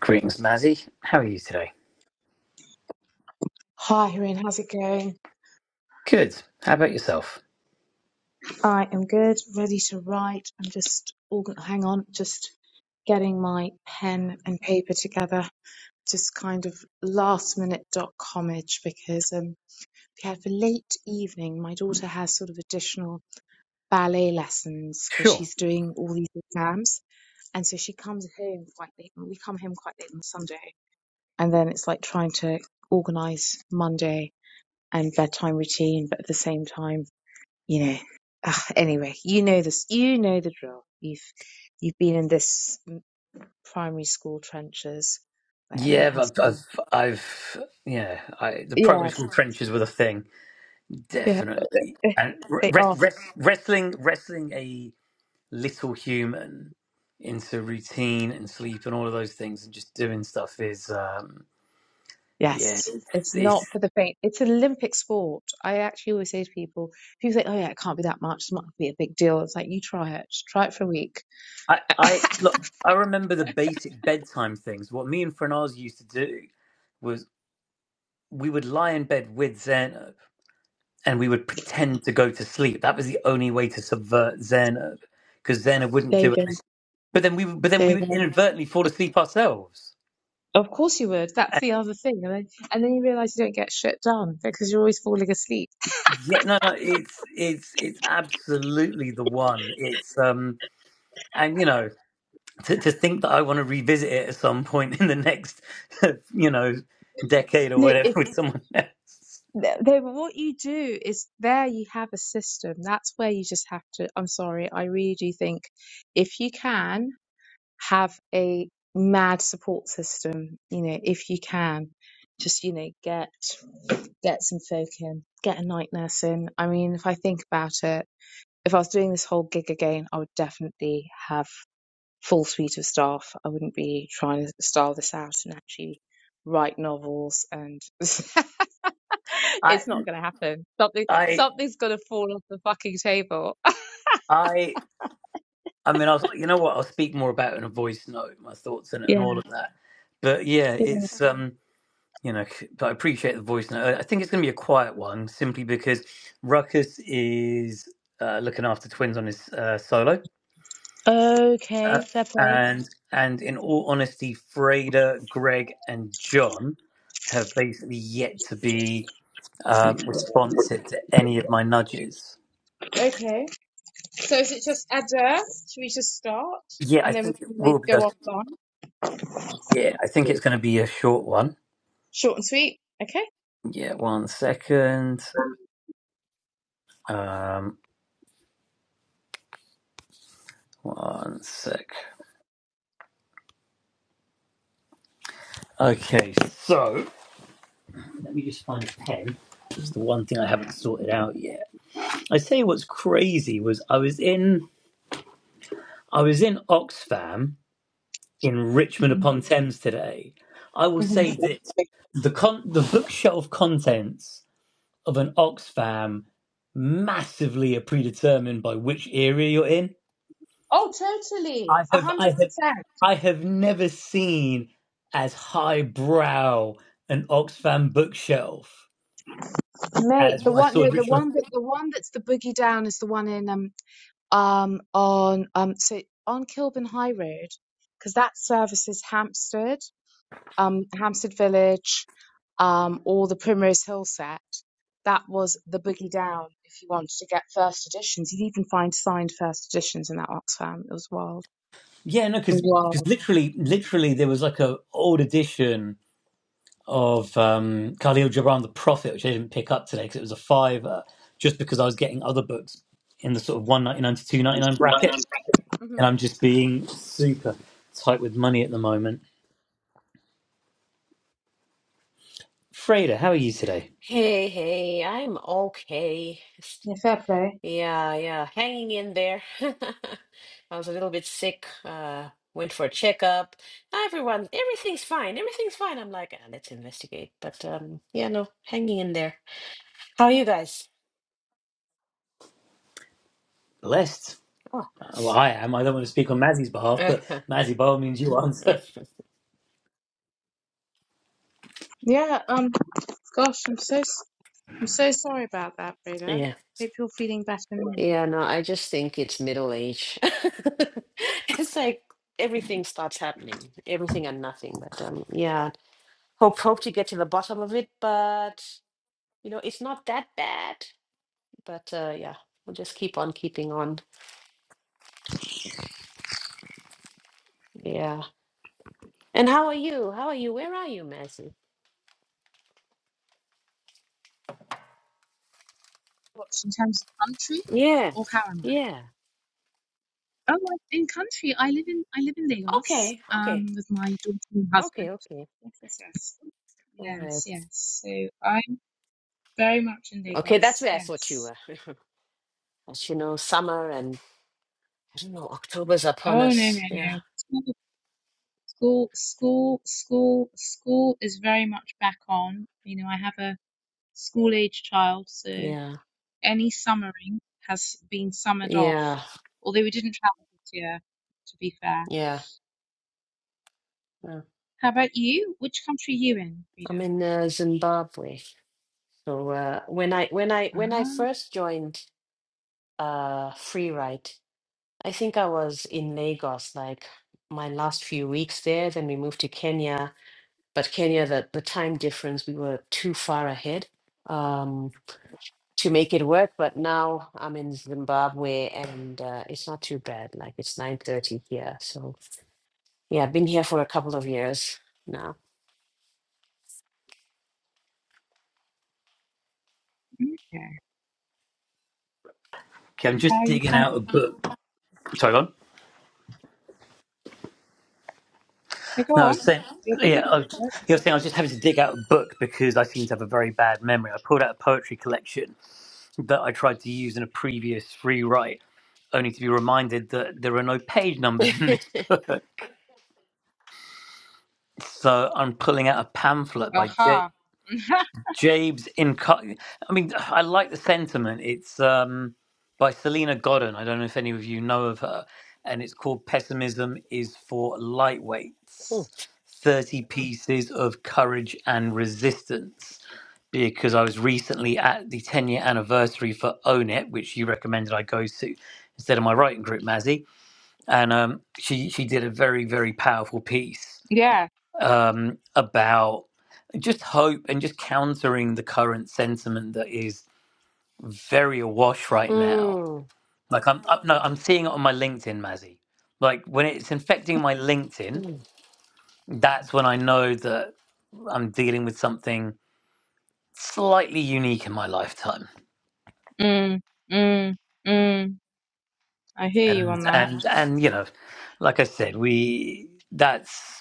Greetings, Mazzy. How are you today? Hi, Irene. How's it going? Good. How about yourself? I am good, ready to write. I'm just, organ- hang on, just getting my pen and paper together. Just kind of last minute dot commage because um, we have a late evening. My daughter has sort of additional ballet lessons because Sure. she's doing all these exams. And so she comes home quite late, and we come home quite late on Sunday. And then it's like trying to organize Monday and bedtime routine, but at the same time, you know. Ah, anyway, you know this. You know the drill. You've you've been in this primary school trenches where everyone Yeah, has but to. I've, I've, yeah, I, the primary Yes, school trenches were the thing, yeah, definitely. And they re- are. res- wrestling, wrestling a little human into routine and sleep and all of those things, and just doing stuff is, um, yeah, Yes, it's, it's not it's. for the faint. It's an Olympic sport. I actually always say to people, people think, "Oh yeah, it can't be that much. It's not going to be a big deal." It's like you try it. Just Try it for a week. I, I look. I remember the basic bedtime things. What me and Franaz used to do was we would lie in bed with Zen and we would pretend to go to sleep. That was the only way to subvert Zerno, because Zerno wouldn't There you do go. it. But then we, would- but then There we you would go. inadvertently fall asleep ourselves. Of course you would. That's And the other thing, and then and then you realise you don't get shit done because you're always falling asleep. yeah, no, no, it's it's it's absolutely the one. It's um, and you know, to, to think that I want to revisit it at some point in the next, you know, decade or No, whatever it's. with someone else. th- then what you do is there you have a system. That's where you just have to. I'm sorry, I really do think if you can have a mad support system, you know, if you can just, you know, get get some folk in, get a night nurse in. I mean, if I think about it, if I was doing this whole gig again, I would definitely have full suite of staff. I wouldn't be trying to style this out and actually write novels and I it's not going to happen. Something I something's going to fall off the fucking table. I. I mean, I was, like, you know what? I'll speak more about it in a voice note, my thoughts and, and Yeah. all of that. But yeah, yeah. it's um, you know, but I appreciate the voice note. I think it's going to be a quiet one simply because Ruckus is uh, looking after twins on his uh, solo. Uh, Okay. Fair play. and and in all honesty, Freda, Greg, and John have basically yet to be um, responsive to any of my nudges. Okay. So is it just Adair? Should we just start Yeah, I and then we think it can always will be. go A, offline? yeah, I think it's going to be a short one. Short and sweet. Okay. Yeah, one second. Um, one sec. Okay, so. Let me just find a pen. It's the one thing I haven't sorted out yet. I say what's crazy was I was in I was in Oxfam in Richmond upon Thames today. I will Mhm. say that the con- the bookshelf contents of an Oxfam massively are predetermined by which area you're in. Oh, totally, I a have I hundred have percent, I have never seen as highbrow an Oxfam bookshelf as mate. The what I one, saw no, in the Richmond. one that the one that's the boogie down is the one in um um, on um, so on Kilburn High Road because that services Hampstead, um, Hampstead Village, um, or the Primrose Hill set. That was the boogie down if you wanted to get first editions. You'd even find signed first editions in that Oxfam. It was wild. Yeah, no, because Wild. literally, literally, there was like a old edition of um, Khalil Gibran, The Prophet, which I didn't pick up today because it was a fiver, just because I was getting other books in the sort of one ninety nine to two ninety nine bracket, hmm and I'm just being super tight with money at the moment. Freda, how are you today? Hey, hey, I'm okay. Just- Yeah, fair play. Yeah, yeah, hanging in there. I was a little bit sick, uh, went for a checkup. Everyone, everything's fine. Everything's fine. I'm like, "Ah, let's investigate. But um, yeah, no, hanging in there. How are you guys? Blessed. Oh, Uh, Well, that's I am. I don't want to speak on Mazzy's behalf, but Mazzy, by all means, you answer. Yeah. Um. Gosh, I'm so s- I'm so sorry about that, Rita. yeah. Hope you're feeling better now. Yeah, no, I just think it's middle age. It's like everything starts happening, everything and nothing. But um, yeah, hope hope to get to the bottom of it, but you know, it's not that bad. But uh, yeah, we'll just keep on keeping on. Yeah. And how are you? How are you? Where are you, Messi? What in terms of country Yeah. or how am I? Yeah. Oh, like in country. I live in I live in Lagos, Okay. Okay. um, with my daughter and husband. Okay. Okay. Yes, yes, yes. All right. Yes, yes. So I'm very much in Okay, that's Lagos, where I thought you yes. were. As you know, summer and I don't know, October's upon Oh no, no, us. Yeah. no. School, school, school, school school is very much back on. You know, I have a school age child, so Yeah. any summering has been summered off. Yeah. Although we didn't travel this year, to be fair. Yeah. Uh, How about you? Which country are you in, I'm Rita? in uh, Zimbabwe. So uh, when I when I when I Ah, first joined uh Freeride I think I was in Lagos like my last few weeks there. Then we moved to Kenya, but Kenya, the, the time difference, we were too far ahead um, to make it work. But now I'm in Zimbabwe, and uh, it's not too bad. Like it's nine thirty here, so yeah, I've been here for a couple of years now. okay. Okay, I'm How just are you digging finding? out a book. Sorry, go on. Yeah, go No, I on. was saying, You're digging yeah, I was, you were saying I was just having to dig out a book because I seem to have a very bad memory. I pulled out a poetry collection that I tried to use in a previous free write, only to be reminded that there are no page numbers in this book. So I'm pulling out a pamphlet by J. Aha. Jabe's in. I mean, I like the sentiment. It's um, by Selena Godden. I don't know if any of you know of her, and it's called "Pessimism is for Mm. Lightweights: Thirty Pieces of Courage and Resistance." Because I was recently at the ten-year anniversary for Own It, which you recommended I go to instead of my writing group, Mazzy, and um, she she did a very very powerful piece Yeah. um, about just hope and just countering the current sentiment that is very awash right now. Mm, Like I'm, i no, I'm seeing it on my LinkedIn, Mazzy. Like when it's infecting my LinkedIn, mm, that's when I know that I'm dealing with something slightly unique in my lifetime. Mm, mm, mm. I hear you And Mm. on that. and and you know, like I said, we that's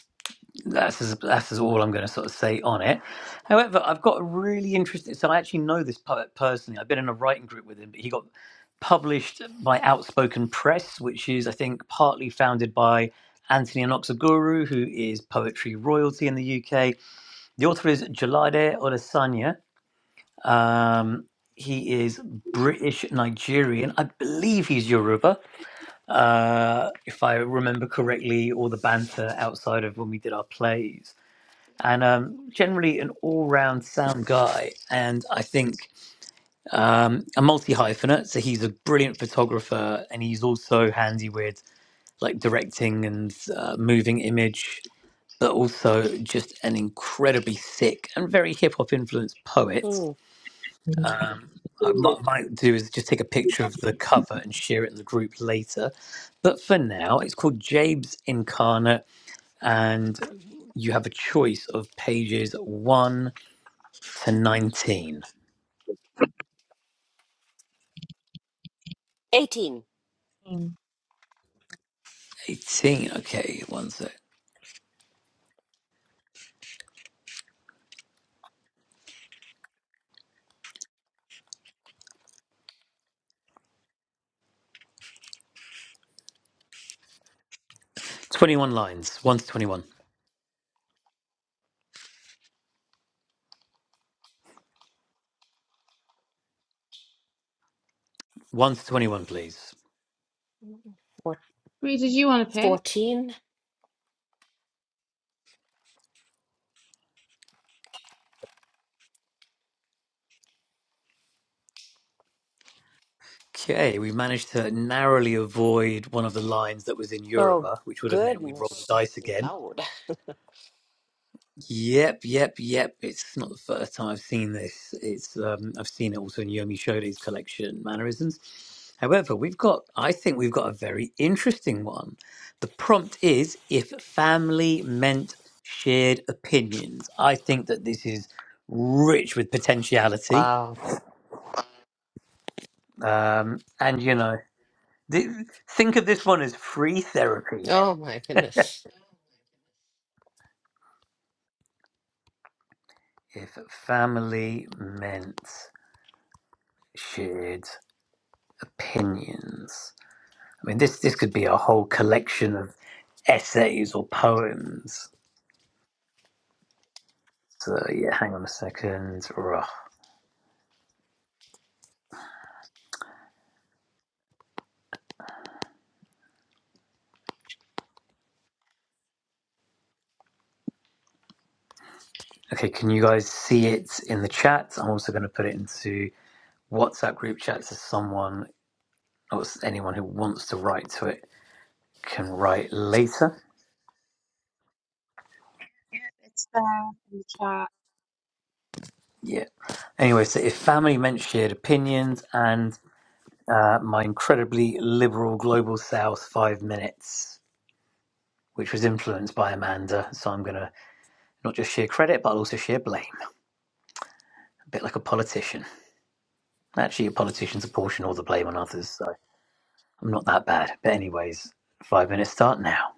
That's as, that's as all I'm going to sort of say on it. However, I've got a really interesting. So I actually know this poet personally. I've been in a writing group with him, but he got published by Outspoken Press, which is, I think, partly founded by Anthony Anoxaguru, who is poetry royalty in the UK. The author is Jalade Olasanya. Um, he is British Nigerian. I believe he's Yoruba, uh, if I remember correctly, or the banter outside of when we did our plays and um, generally an all-round sound guy. And I think um, a multi-hyphenate, so he's a brilliant photographer, and he's also handy with like directing and uh, moving image, but also just an incredibly sick and very hip-hop influenced poet. mm. Um, I might, might do is just take a picture of the cover and share it in the group later. But for now, it's called Jabe's Incarnate, and you have a choice of pages one to 19. Eighteen Mm. 18, okay, one sec. 21 lines, 1 to 21. 1 to 21, please. or Bree, did you want to pick? Okay, we managed to narrowly avoid one of the lines that was in Oh Yoruba, which would have meant we'd roll the goodness, dice again. loud! Yep, yep, yep. It's not the first time I've seen this. It's um, I've seen it also in Yomi Shodo's collection, Mannerisms. However, we've got I think we've got a very interesting one. The prompt is if family meant shared opinions. I think that this is rich with potentiality. Wow! Um, and you know, th- think of this one as free therapy. Oh my goodness! If family meant shared opinions. I mean, this this could be a whole collection of essays or poems. So yeah, hang on a second. Rah. Okay, can you guys see it in the chat? I'm also going to put it into WhatsApp group chat so someone or anyone who wants to write to it can write later. Yeah, it's there in the chat. Yeah. Anyway, so if family meant shared opinions and uh, my incredibly liberal global south five minutes, which was influenced by Amanda, so I'm going to not just share credit but I'll also share blame, a bit like a politician. Actually, politicians apportion all the blame on others, so I'm not that bad. But, anyways, five minutes start now.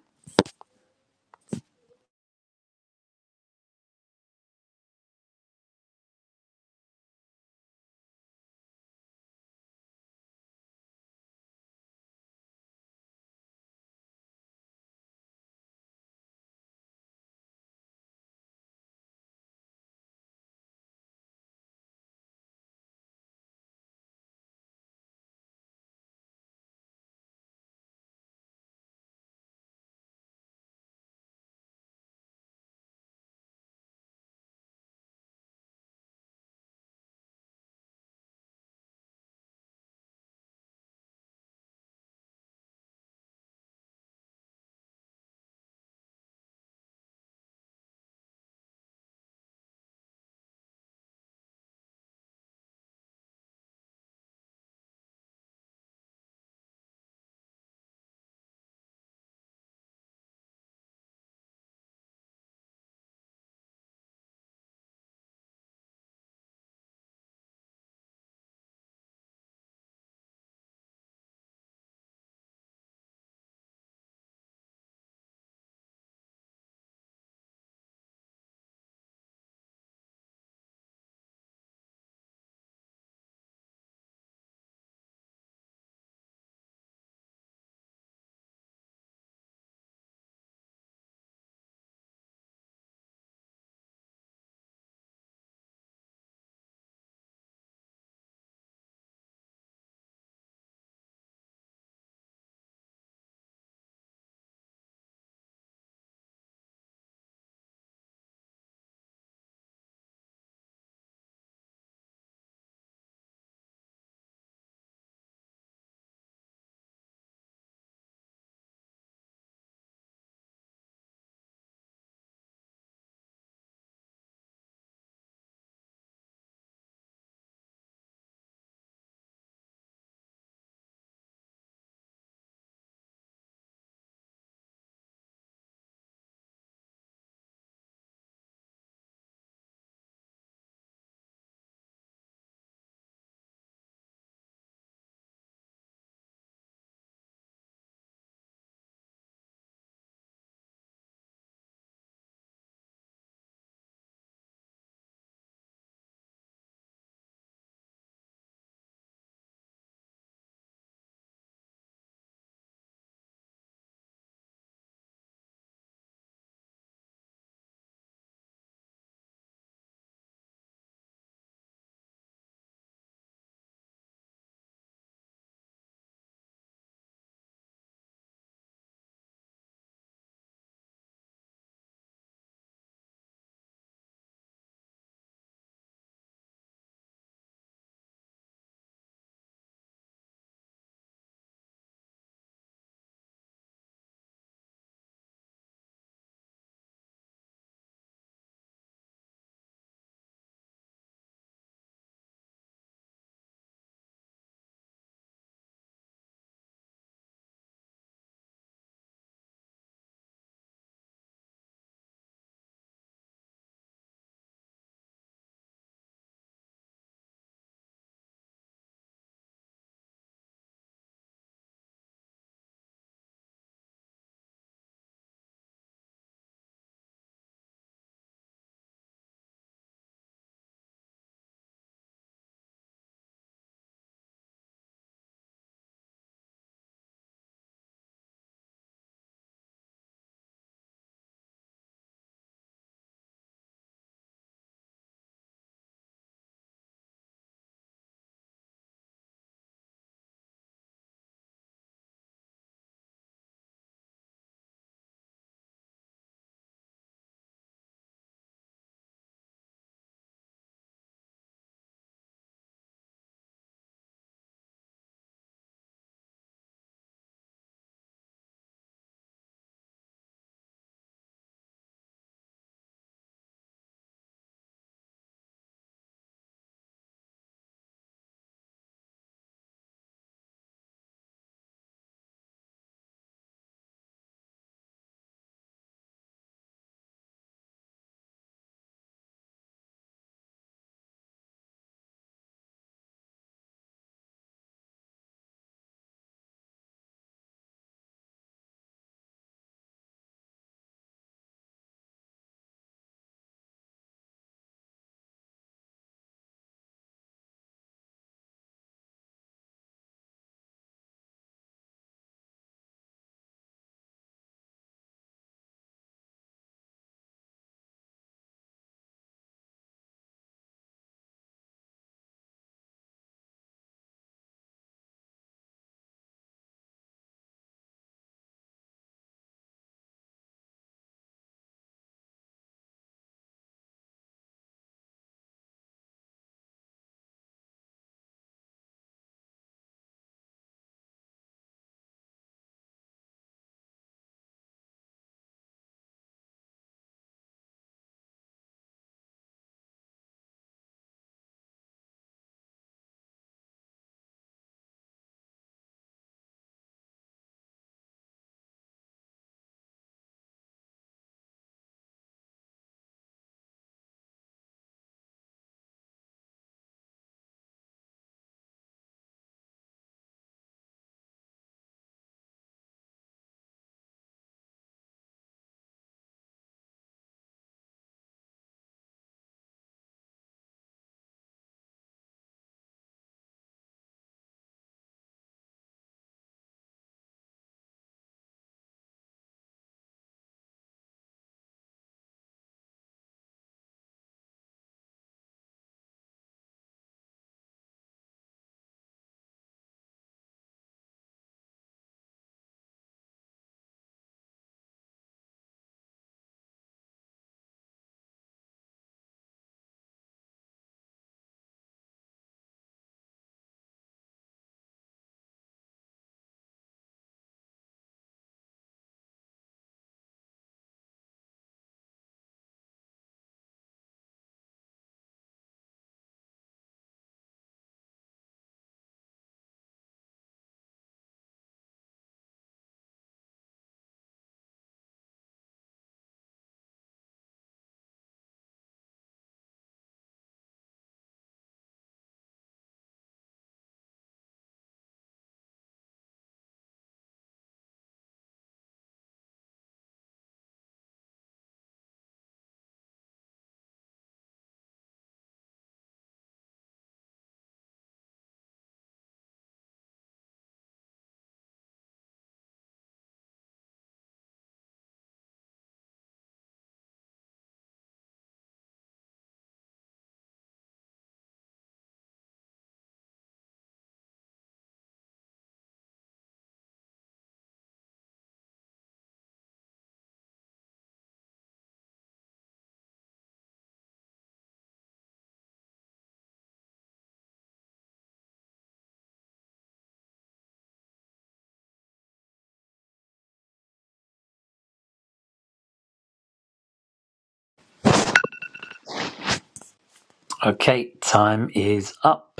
Okay, time is up.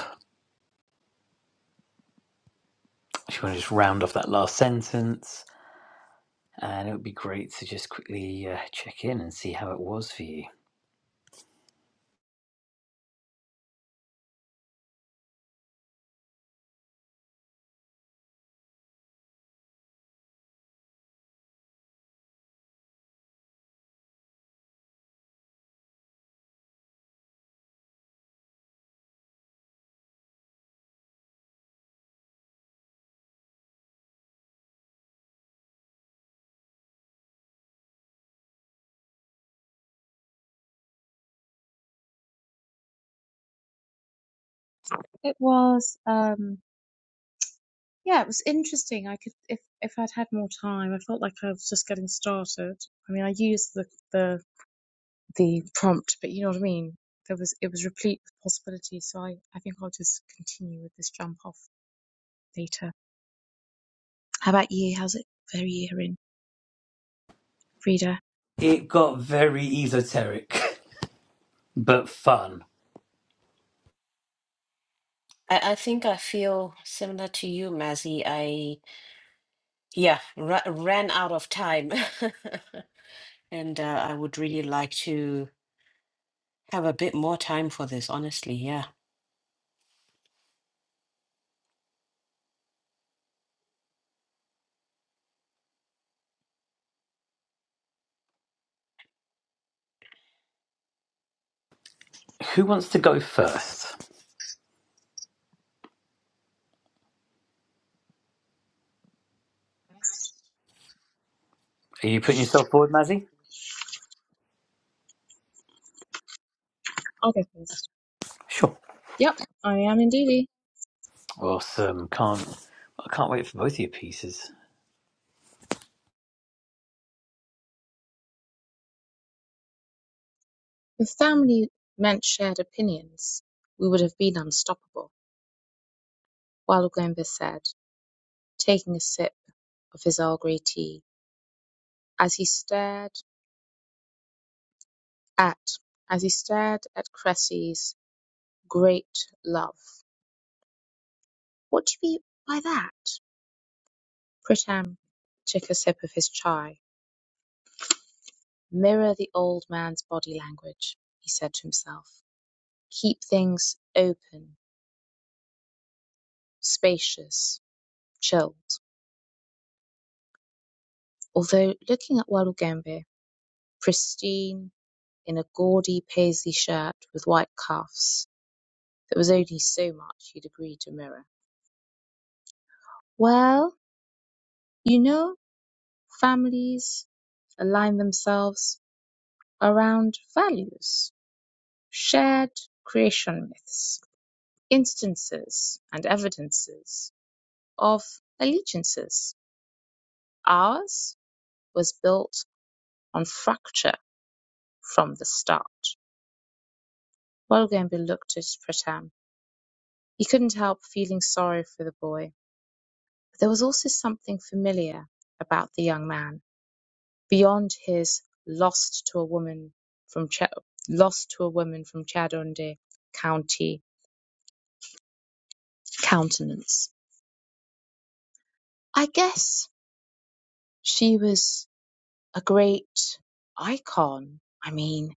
If you want to just round off that last sentence, and it would be great to just quickly uh, check in and see how it was for you. It was, um, yeah, it was interesting. I could, if if I'd had more time, I felt like I was just getting started. I mean, I used the the the prompt, but you know what I mean. There was it was replete with possibilities. So I I think I'll just continue with this jump off later. How about you? How's it for a year in? Reader. It got very esoteric, but fun. I, I think I feel similar to you, Mazzy. I, yeah, ra ran out of time. And uh, I would really like to have a bit more time for this, honestly. Yeah. Who wants to go first? First. Are you putting yourself forward, Mazzy? I'll go first. Sure. Yep, I am indeedy. Awesome. Can't I can't wait for both of your pieces. If family meant shared opinions, we would have been unstoppable, Walugembe said, taking a sip of his Earl Grey tea, as he stared at as he stared at Cressy's great love. What do you mean by that? Pritam took a sip of his chai. Mirror the old man's body language, he said to himself. Keep things open, spacious, chilled. Although looking at Walugembe, pristine in a gaudy paisley shirt with white cuffs, there was only so much he'd agreed to mirror. Well, you know, families align themselves around values, shared creation myths, instances and evidences of allegiances. Ours was built on fracture from the start. Walugembe looked at Pratam He couldn't help feeling sorry for the boy, but there was also something familiar about the young man beyond his lost to a woman from Ch- lost to a woman from Chadonde County countenance. I guess she was a great icon. I mean,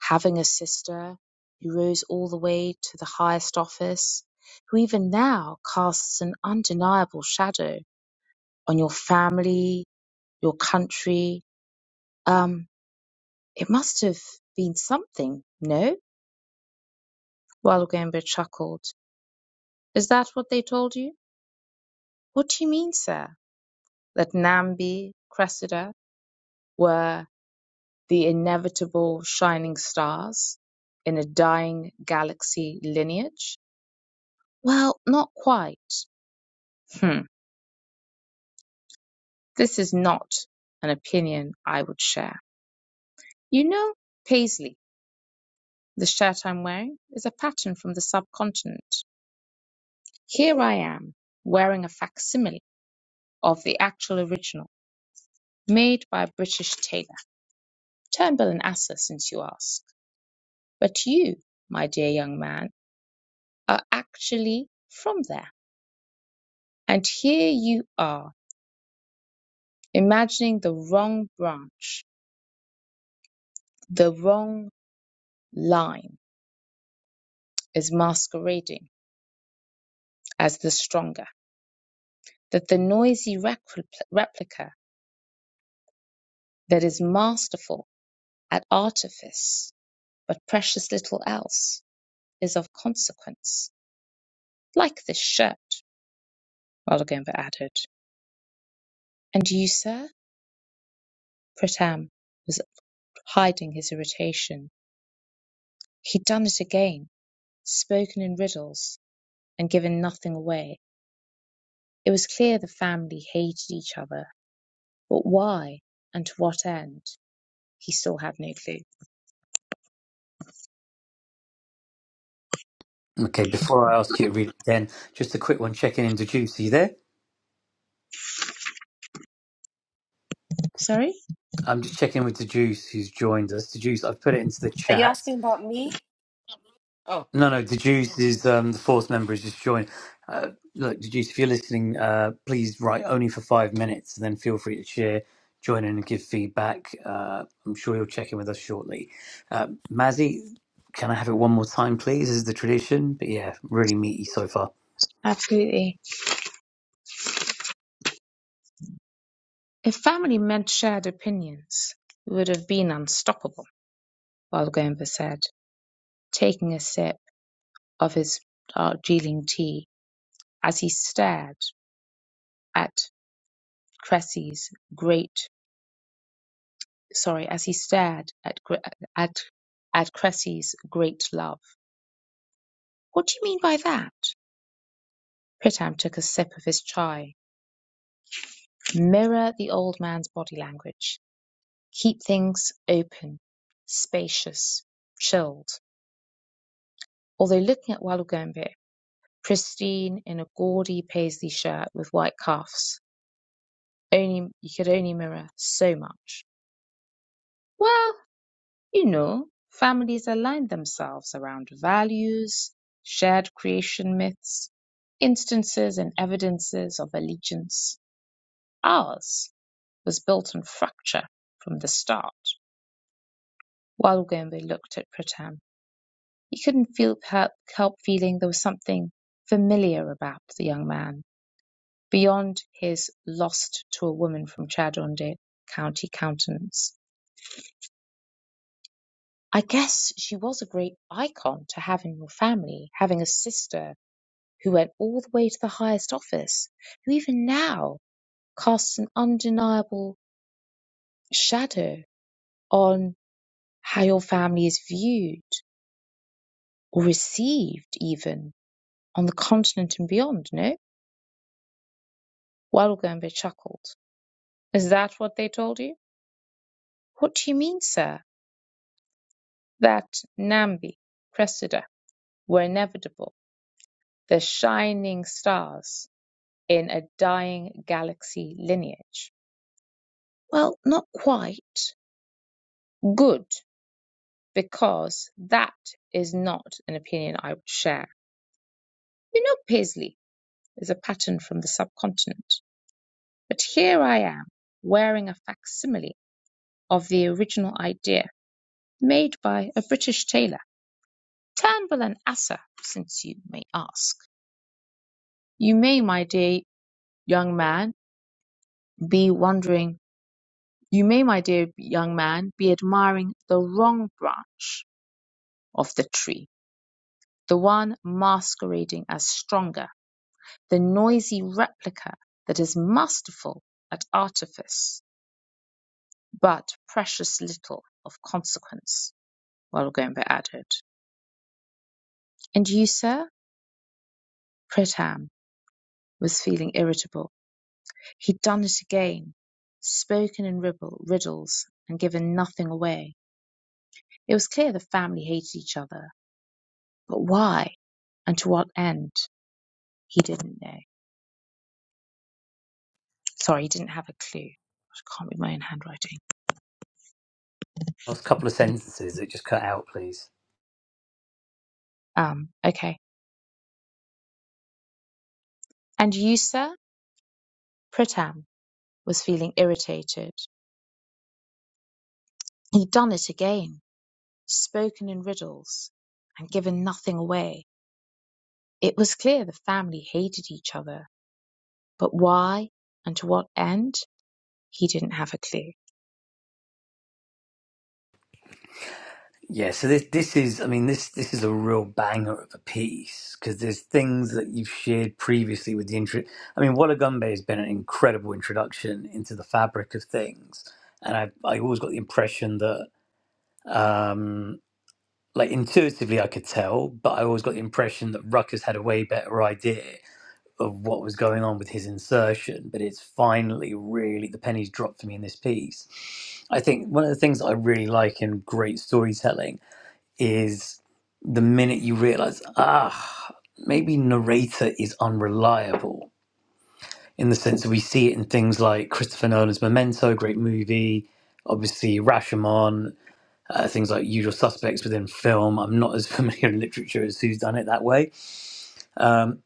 having a sister who rose all the way to the highest office, who even now casts an undeniable shadow on your family, your country, Um, it must have been something, no? Walugembe chuckled. Is that what they told you? What do you mean, sir? That Nambi, Cressida, were the inevitable shining stars in a dying galaxy lineage? Well, not quite. Hmm. This is not an opinion I would share. You know, Paisley, the shirt I'm wearing is a pattern from the subcontinent. Here I am, wearing a facsimile of the actual original, made by a British tailor. Turnbull and Asser, since you ask. But you, my dear young man, are actually from there. And here you are, imagining the wrong branch, the wrong line is masquerading as the stronger, that the noisy repl- replica that is masterful at artifice, but precious little else, is of consequence, like this shirt, Waldengarver added. "And you, sir?" Pratam was hiding his irritation. He'd done it again, spoken in riddles and given nothing away. It was clear the family hated each other, but why and to what end, he still had no clue. Okay, before I ask you to read it again, just a quick one Check in. Did you see there? Sorry? I'm just checking with the Juice who's joined us. The Juice, I've put it into the Are you chat. asking about me? Oh, No, no, okay. the Juice is um, the fourth member has just joined. Uh, look, the Juice, if you're listening, uh, please write only for five minutes, and then feel free to share, join in, and give feedback. Uh, I'm sure you'll check in with us shortly. Uh, Mazzy, can I have it one more time, please? This is the tradition, but yeah, really meaty so far. Absolutely. If family meant shared opinions, it would have been unstoppable, Walgomba said, taking a sip of his dark Geeling tea as he stared at Cressy's great sorry, as he stared at, Gre- at, at Cressy's great love. What do you mean by that? Pritam took a sip of his chai. Mirror the old man's body language. Keep things open, spacious, chilled. Although looking at Walugembe, pristine in a gaudy paisley shirt with white cuffs, only you could only mirror so much. Well, You know, families align themselves around values, shared creation myths, instances and evidences of allegiance. Ours was built on fracture from the start. While Ugembe looked at Pratam, he couldn't feel, help, help feeling there was something familiar about the young man, beyond his lost to a woman from Chadonde County countenance. I guess she was a great icon to have in your family, having a sister who went all the way to the highest office, who even now casts an undeniable shadow on how your family is viewed or received, even on the continent and beyond, no? Walugamba chuckled. Is that what they told you? What do you mean, sir? That Nambi, Cressida, were inevitable, the shining stars in a dying galaxy lineage? Well, not quite. Good. because that is not an opinion I would share. You know, Paisley is a pattern from the subcontinent, but here I am wearing a facsimile of the original idea made by a British tailor, Turnbull and Asser, since you may ask. You may, my dear young man, be wondering, you may, my dear young man, be admiring the wrong branch of the tree, the one masquerading as stronger The noisy replica that is masterful at artifice, but precious little of consequence. While Wallenberg added. And you, sir? Pritham was feeling irritable. He'd done it again. Spoken in ribble, riddles and given nothing away. It was clear the family hated each other. But why and to what end? He didn't know. Sorry, he didn't have a clue. I can't read my own handwriting. Last couple of sentences, it just cut out, please. Um, okay. And you, sir? Pritham was feeling irritated. He'd done it again, spoken in riddles, and given nothing away. It was clear the family hated each other, but why and to what end, he didn't have a clue. Yeah, so this this is I mean this this is a real banger of a piece because there's things that you've shared previously with the intro. I mean, Walla Gumbe has been an incredible introduction into the fabric of things, and I I always got the impression that um like intuitively I could tell, but I always got the impression that Ruckus had a way better idea of what was going on with his insertion. But it's finally really the pennies dropped for me in this piece. I think one of the things that I really like in great storytelling is the minute you realize, ah, maybe narrator is unreliable in the sense that we see it in things like Christopher Nolan's Memento, great movie, obviously Rashomon, uh, things like Usual Suspects within film. I'm not as familiar in literature as who's done it that way. Um,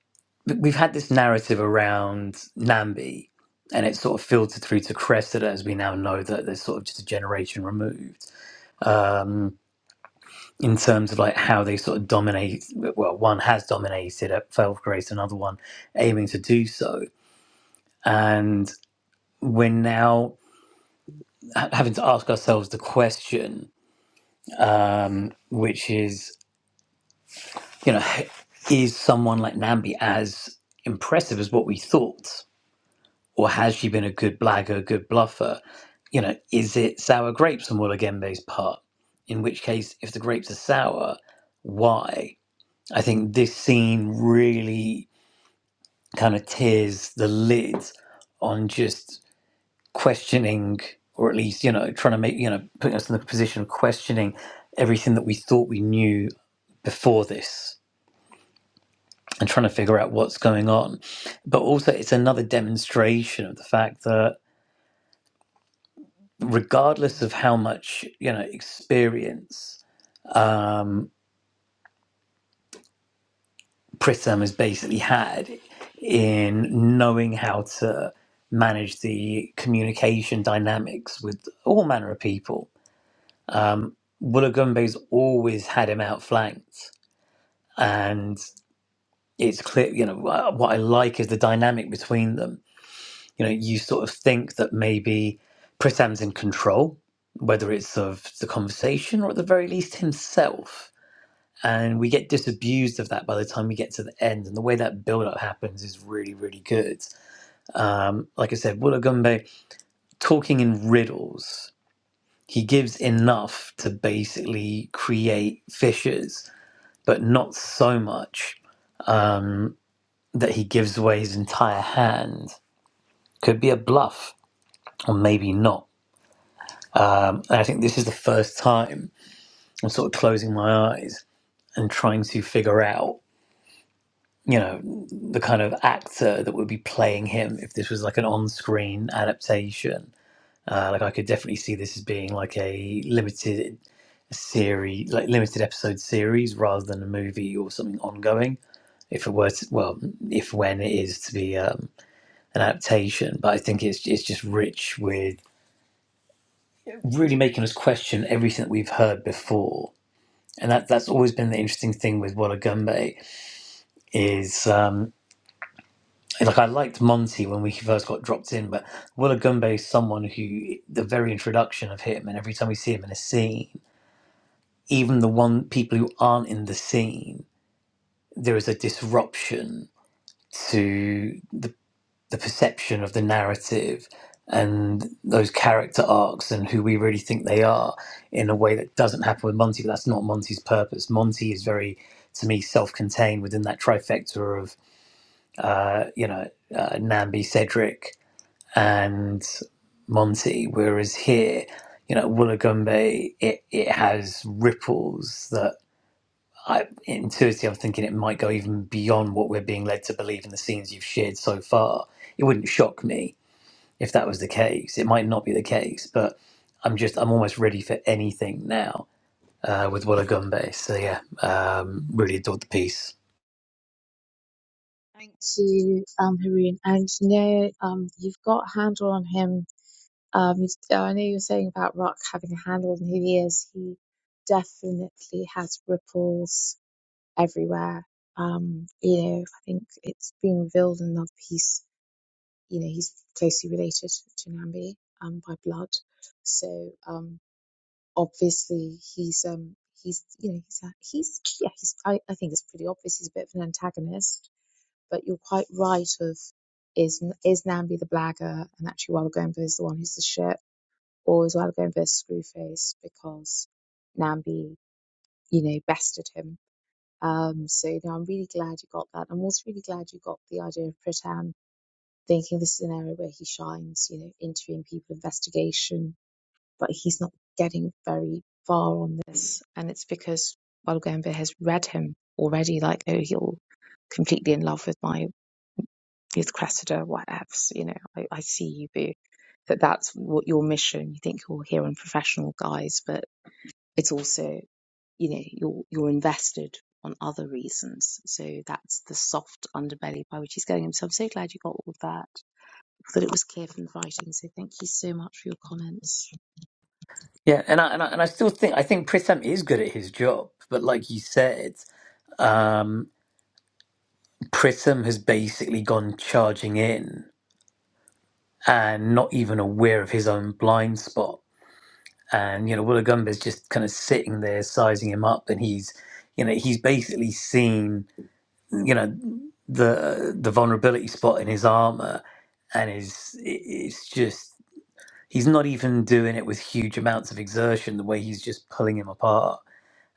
but we've had this narrative around Nambi, and it's sort of filtered through to Cressida, as we now know that there's sort of just a generation removed. Um, in terms of like how they sort of dominate well one has dominated at 12th grade. another one aiming to do so and we're now ha- having to ask ourselves the question um, which is you know is someone like nambi as impressive as what we thought or has she been a good blagger good bluffer you know is it sour grapes on Willa Gembe's part in which case if the grapes are sour why i think this scene really kind of tears the lid on just questioning, or at least, you know, trying to make, you know, putting us in the position of questioning everything that we thought we knew before this and trying to figure out what's going on. But also, it's another demonstration of the fact that, regardless of how much, you know, experience, um, Prism has basically had in knowing how to manage the communication dynamics with all manner of people. Um, Woolagumbe's always had him outflanked, and it's clear, you know, what I like is the dynamic between them. You know, you sort of think that maybe Prisam's in control, whether it's of the conversation or at the very least himself and we get disabused of that by the time we get to the end. And the way that build up happens is really, really good. Um, like I said, Wollagumbe talking in riddles, he gives enough to basically create fissures, but not so much um, that he gives away his entire hand. Could be a bluff, or maybe not. Um, and I think this is the first time I'm sort of closing my eyes and trying to figure out. you know the kind of actor that would be playing him if this was like an on-screen adaptation uh, like i could definitely see this as being like a limited series like limited episode series rather than a movie or something ongoing if it were to, well if when it is to be um, an adaptation but i think it's, it's just rich with really making us question everything that we've heard before and that, that's always been the interesting thing with Walla Gumbe is um, like I liked Monty when we first got dropped in, but Willa Gumbe is someone who the very introduction of him, and every time we see him in a scene, even the one people who aren't in the scene, there is a disruption to the the perception of the narrative and those character arcs and who we really think they are in a way that doesn't happen with Monty. But that's not Monty's purpose. Monty is very, to me, self-contained within that trifecta of uh, you know uh, Nambi Cedric and Monty. Whereas here, you know, Woolagumbe, it, it has ripples that I intuitively I'm thinking it might go even beyond what we're being led to believe in the scenes you've shared so far. It wouldn't shock me if that was the case. It might not be the case, but I'm just I'm almost ready for anything now. Uh, with Woolagumbe, so yeah, um, really adored the piece. Thank you, um, Haroon. And no, um, you've got a handle on him. Um, you- uh, I know you were saying about Rock having a handle on who he is. He definitely has ripples everywhere. Um, you know, I think it's been revealed in another piece you know, he's closely related to Nambi um, by blood. So um, obviously he's um, he's you know he's a- he's yeah he's I, I think it's pretty obvious he's a bit of an antagonist. But you're quite right of is is Nambi the blagger and actually Walagoomba is the one who's the shit or is Walagoomba a screwface because Nambi you know bested him. Um, so you know, I'm really glad you got that. I'm also really glad you got the idea of Pritam thinking this is an area where he shines, you know, interviewing people, investigation, but he's not getting very far on this. And it's because Walgambe has read him already, like, oh, he'll completely in love with my, with Cressida, whatevs, you know, I, I see you, boo. That that's what your mission. You think you're here on professional guys, but it's also, you know, you're, you're invested on other reasons. So that's the soft underbelly by which he's getting i so I'm so glad you got all that I thought it was clear from the writing. So thank you so much for your comments. Yeah, and I, and I and I still think I think Pritham is good at his job, but like you said, um. Prism has basically gone charging in and not even aware of his own blind spot. And, you know, Woolagumba's just kind of sitting there sizing him up and he's, you know, he's basically seen, you know, the the vulnerability spot in his armor and is it- it's just he's not even doing it with huge amounts of exertion the way he's just pulling him apart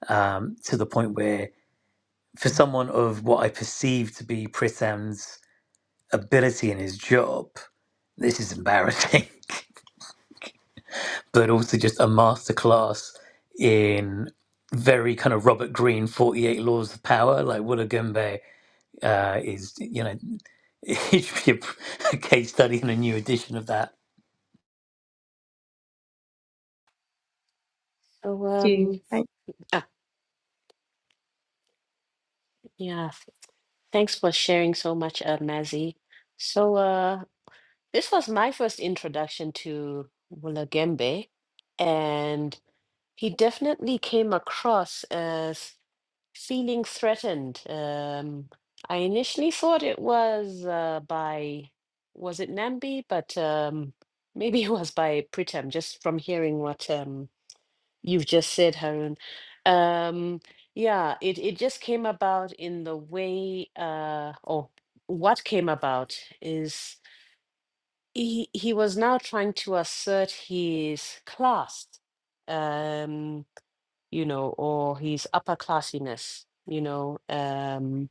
um, to the point where for someone of what I perceive to be Prissam's ability in his job. This is embarrassing, but also just a masterclass in very kind of Robert Greene 48 Laws of Power. Like Willa Gumbe uh, is, you know, it should be a, a case study in a new edition of that. So, Thank you. um, Thank ah, yeah, thanks for sharing so much, uh, Mazzy. So, uh, this was my first introduction to Wulagembe, and he definitely came across as. feeling threatened. Um, I initially thought it was uh, by, was it Nambi? But um, maybe it was by Pritam, just from hearing what um, you've just said, Harun. Um, yeah, it, it just came about in the way, uh, or what came about is he, he was now trying to assert his class. Um, you know, or his upperclassiness, you know, um,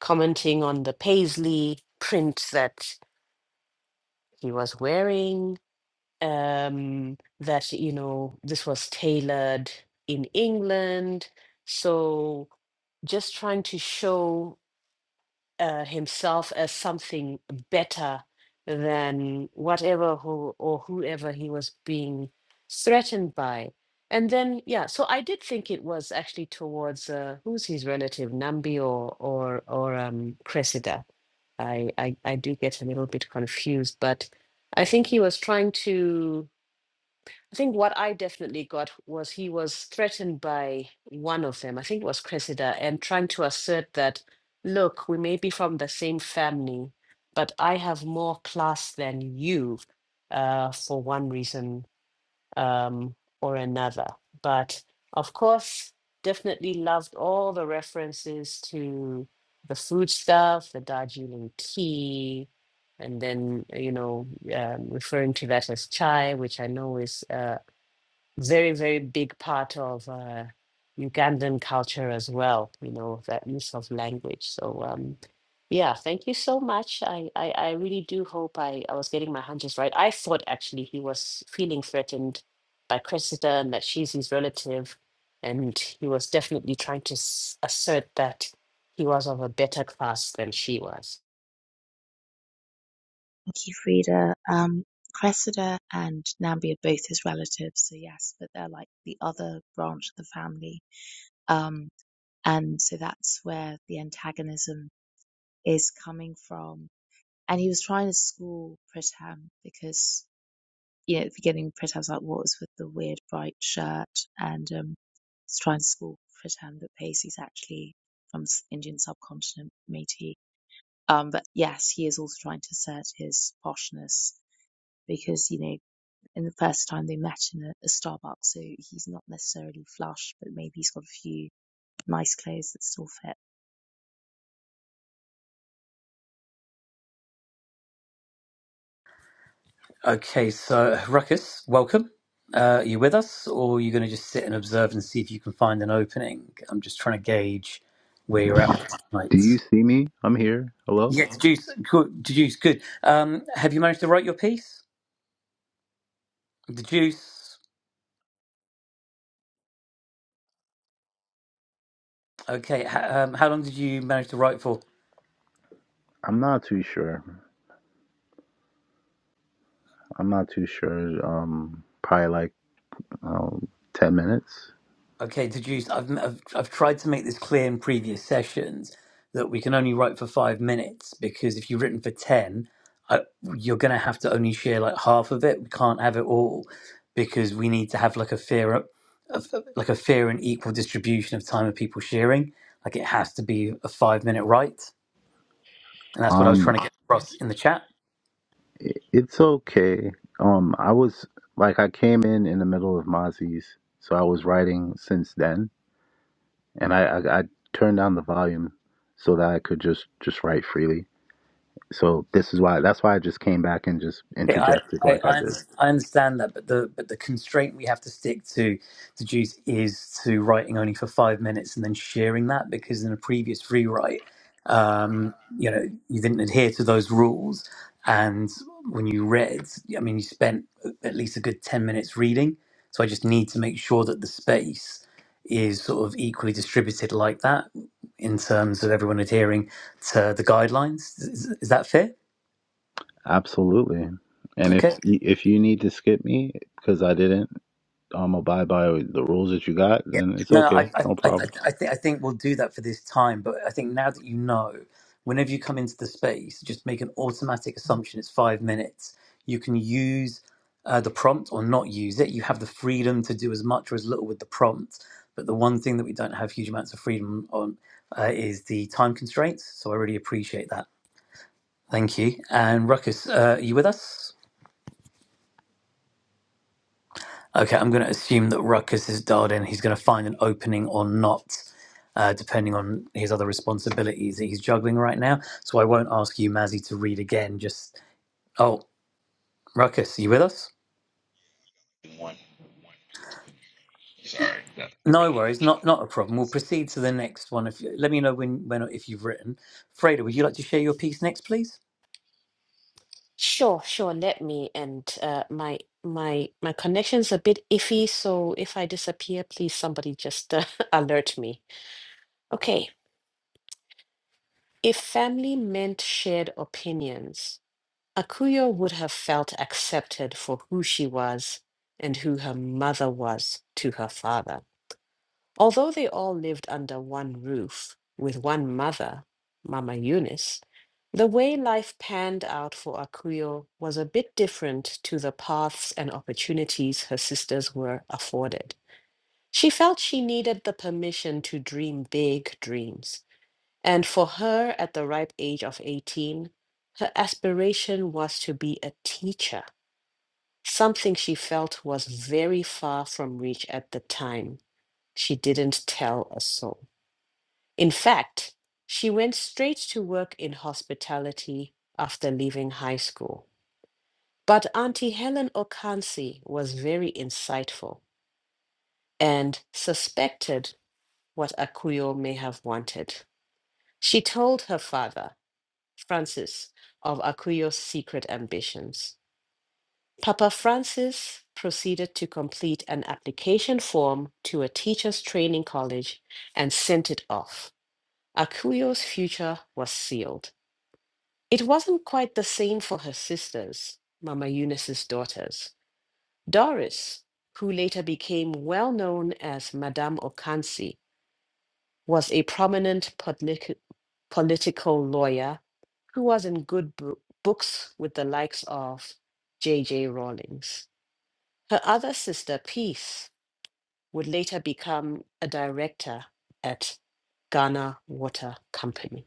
commenting on the paisley print that he was wearing, um, that, you know, this was tailored in England. So just trying to show uh, himself as something better than whatever who or whoever he was being threatened by. And then, yeah, so I did think it was actually towards uh, who's his relative, Nambi or or or um, Cressida. I, I I do get a little bit confused, but I think he was trying to. I think what I definitely got was he was threatened by one of them, I think it was Cressida, and trying to assert that, look, we may be from the same family, but I have more class than you uh, for one reason um, or another. But of course, definitely loved all the references to the food stuff, the Darjeeling tea, and then you know um, referring to that as chai, which I know is uh, very, very big part of uh, Ugandan culture as well, you know, that use of language. So, um, yeah, thank you so much. I, I, I really do hope I, I was getting my hunches right. I thought actually he was feeling threatened by Cressida and that she's his relative. And he was definitely trying to s- assert that he was of a better class than she was. Thank you, Frida. Um, Cressida and Nambi are both his relatives, so yes, but they're like the other branch of the family. Um, and so that's where the antagonism is coming from. And he was trying to school Pritam because, you know, at the beginning, Pritam's like, what was with the weird bright shirt? And, um, he's trying to school Pritam that Pacey's actually from the Indian subcontinent, Métis Um, but yes, he is also trying to assert his poshness because, you know, in the first time they met in a, a Starbucks, so he's not necessarily flush, but maybe he's got a few nice clothes that still fit. Okay, so Ruckus, welcome. Uh, are you with us, or are you going to just sit and observe and see if you can find an opening? I'm just trying to gauge where you're at with the Do night. you see me? I'm here. Hello? Yeah, Deduce, good. Deduce, good. Um, have you managed to write your piece? The Juice. Okay, h- um, how long did you manage to write for? I'm not too sure. I'm not too sure. Um, probably like um, 10 minutes. Okay, The Juice. I've, I've I've tried to make this clear in previous sessions that we can only write for five minutes because if you've written for ten, I, you're going to have to only share like half of it. We can't have it all because we need to have like a fair, of, of- like a fair and equal distribution of time of people sharing. Like it has to be a five minute write, and that's what I was trying Um, to get across in the chat. i- it's okay. Um, I was like, I came in in the middle of Mozzie's, so I was writing since then, and I, I, I turned down the volume so that I could just just write freely. So this is why. That's why I just came back and just Yeah, I, interjected I, like I I, under- did. I understand that, but the but the constraint we have to stick to to juice is to writing only for five minutes and then sharing that because in a previous rewrite, um, you know, you didn't adhere to those rules, and when you read, I mean, you spent at least a good ten minutes reading. So I just need to make sure that the space is sort of equally distributed like that in terms of everyone adhering to the guidelines. Is, is that fair? Absolutely. And if Okay. y- if you need to skip me because I didn't um abide by the rules that you got, then it's No, no, I, okay, I, no I, problem. I think I think we'll do that for this time. But I think now that you know, whenever you come into the space, just make an automatic assumption. It's five minutes. You can use uh, the prompt or not use it. You have the freedom to do as much or as little with the prompt. But the one thing that we don't have huge amounts of freedom on uh, is the time constraints. So I really appreciate that. Thank you. And Ruckus, uh, are you with us? Okay, I'm going to assume that Ruckus is dialed in. He's going to find an opening or not, uh, depending on his other responsibilities that he's juggling right now. So I won't ask you, Mazzy, to read again. Just oh, Ruckus, are you with us? One. Sorry, that's No written. worries, not not a problem. We'll proceed to the next one. If you, let me know when when if you've written, Freda, would you like to share your piece next, please? Sure, sure. Let me and uh, my my my connection's a bit iffy, so if I disappear, please somebody just uh, alert me. Okay. If family meant shared opinions, Akuyo would have felt accepted for who she was and who her mother was to her father. Although they all lived under one roof with one mother, Mama Eunice, the way life panned out for Akuyo was a bit different to the paths and opportunities her sisters were afforded. She felt she needed the permission to dream big dreams. And for her, at the ripe age of 18, her aspiration was to be a teacher, something she felt was very far from reach at the time. She didn't tell a soul. In fact, she went straight to work in hospitality after leaving high school. But Auntie Helen Okansi was very insightful and suspected what Akuyo may have wanted. She told her father, Francis, of Akuyo's secret ambitions. Papa Francis proceeded to complete an application form to a teacher's training college and sent it off. Akuyo's future was sealed. It wasn't quite the same for her sisters, Mama Eunice's daughters. Doris, who later became well known as Madame Okansi, was a prominent politic- political lawyer who was in good bro- books with the likes of J. J. Rawlings. Her other sister, Peace, would later become a director at Ghana Water Company.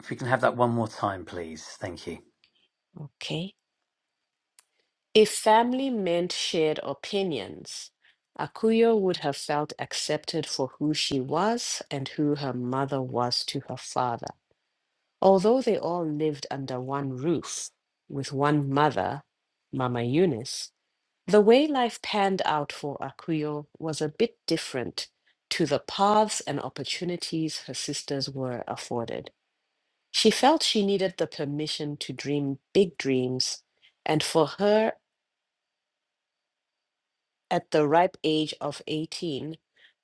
If we can have that one more time, please. Thank you. Okay. If family meant shared opinions, Akuyo would have felt accepted for who she was and who her mother was to her father. Although they all lived under one roof with one mother, Mama Eunice, the way life panned out for Akuyo was a bit different to the paths and opportunities her sisters were afforded. She felt she needed the permission to dream big dreams and for her at the ripe age of 18,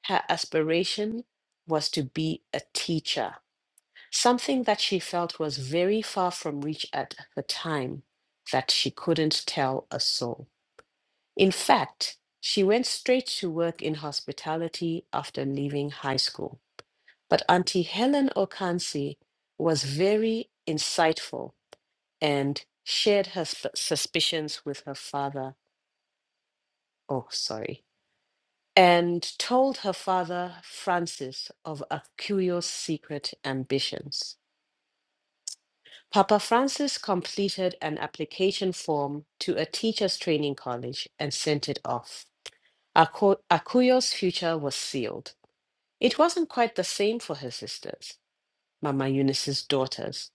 her aspiration was to be a teacher, something that she felt was very far from reach at the time that she couldn't tell a soul. In fact, she went straight to work in hospitality after leaving high school. But Auntie Helen Okansi was very insightful and shared her sp- suspicions with her father. Oh, sorry and told her father Francis of Aquio's secret ambitions. Papa Francis completed an application form to a teacher's training college and sent it off. Aku- Akuyo's future was sealed. It wasn't quite the same for her sisters, Mama Eunice's daughters.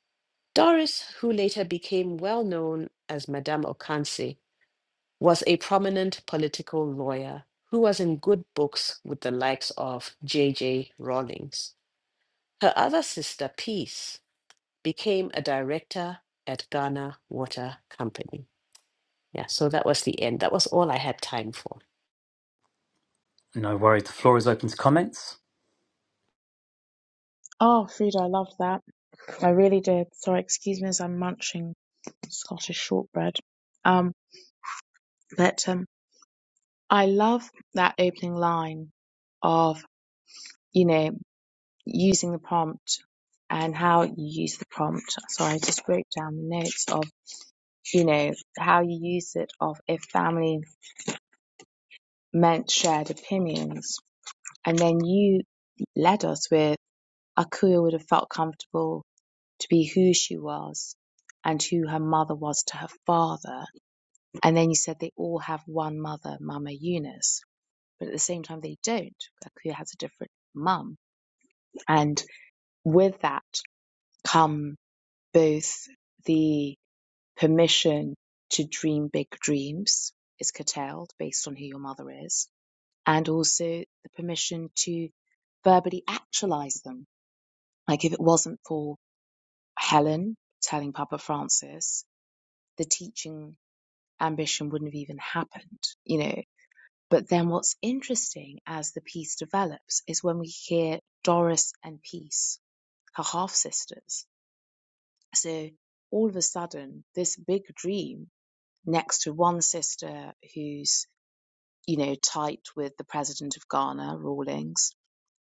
Doris, who later became well known as Madame Okanse, was a prominent political lawyer who was in good books with the likes of J. J. Rawlings. Her other sister, Peace, became a director at Ghana Water Company. Yeah, so that was the end. That was all I had time for. No worries. The floor is open to comments. Oh, Frida, I loved that. I really did. Sorry, excuse me as I'm munching Scottish shortbread. Um, but um, I love that opening line of, you know, using the prompt and how you use the prompt. So I just wrote down the notes of you know, how you use it of if family meant shared opinions. And then you led us with Akuya would have felt comfortable to be who she was and who her mother was to her father. And then you said they all have one mother, Mama Eunice, but at the same time they don't. Akuya has a different mum. And with that come both the permission to dream big dreams is curtailed based on who your mother is and also the permission to verbally actualize them. Like if it wasn't for Helen telling Papa Francis, the teaching ambition wouldn't have even happened, you know. But then what's interesting as the piece develops is when we hear Doris and Peace, her half sisters. So all of a sudden, this big dream next to one sister who's you know, tight with the president of Ghana, Rawlings,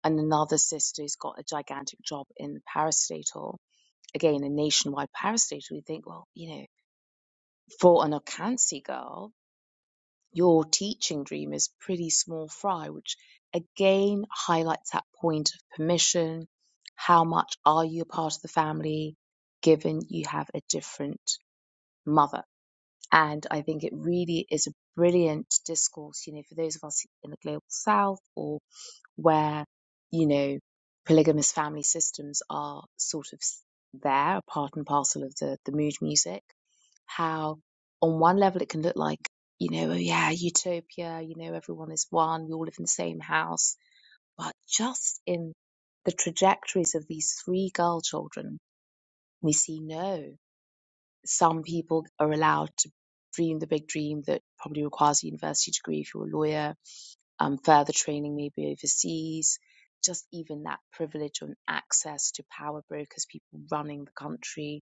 and another sister who's got a gigantic job in the parastatal, again, a nationwide parastatal. You think, well, you know, for an Okansi girl, your teaching dream is pretty small fry, which again highlights that point of permission. How much are you a part of the family, given you have a different mother? And I think it really is a brilliant discourse, you know, for those of us in the global south or where, you know, polygamous family systems are sort of s- there, a part and parcel of the, the mood music. How, on one level, it can look like, you know, oh yeah, utopia, you know, everyone is one, we all live in the same house. But just in the trajectories of these three girl children, we see no. Some people are allowed to dream the big dream that probably requires a university degree if you're a lawyer um, further training maybe overseas, just even that privilege and access to power brokers, people running the country.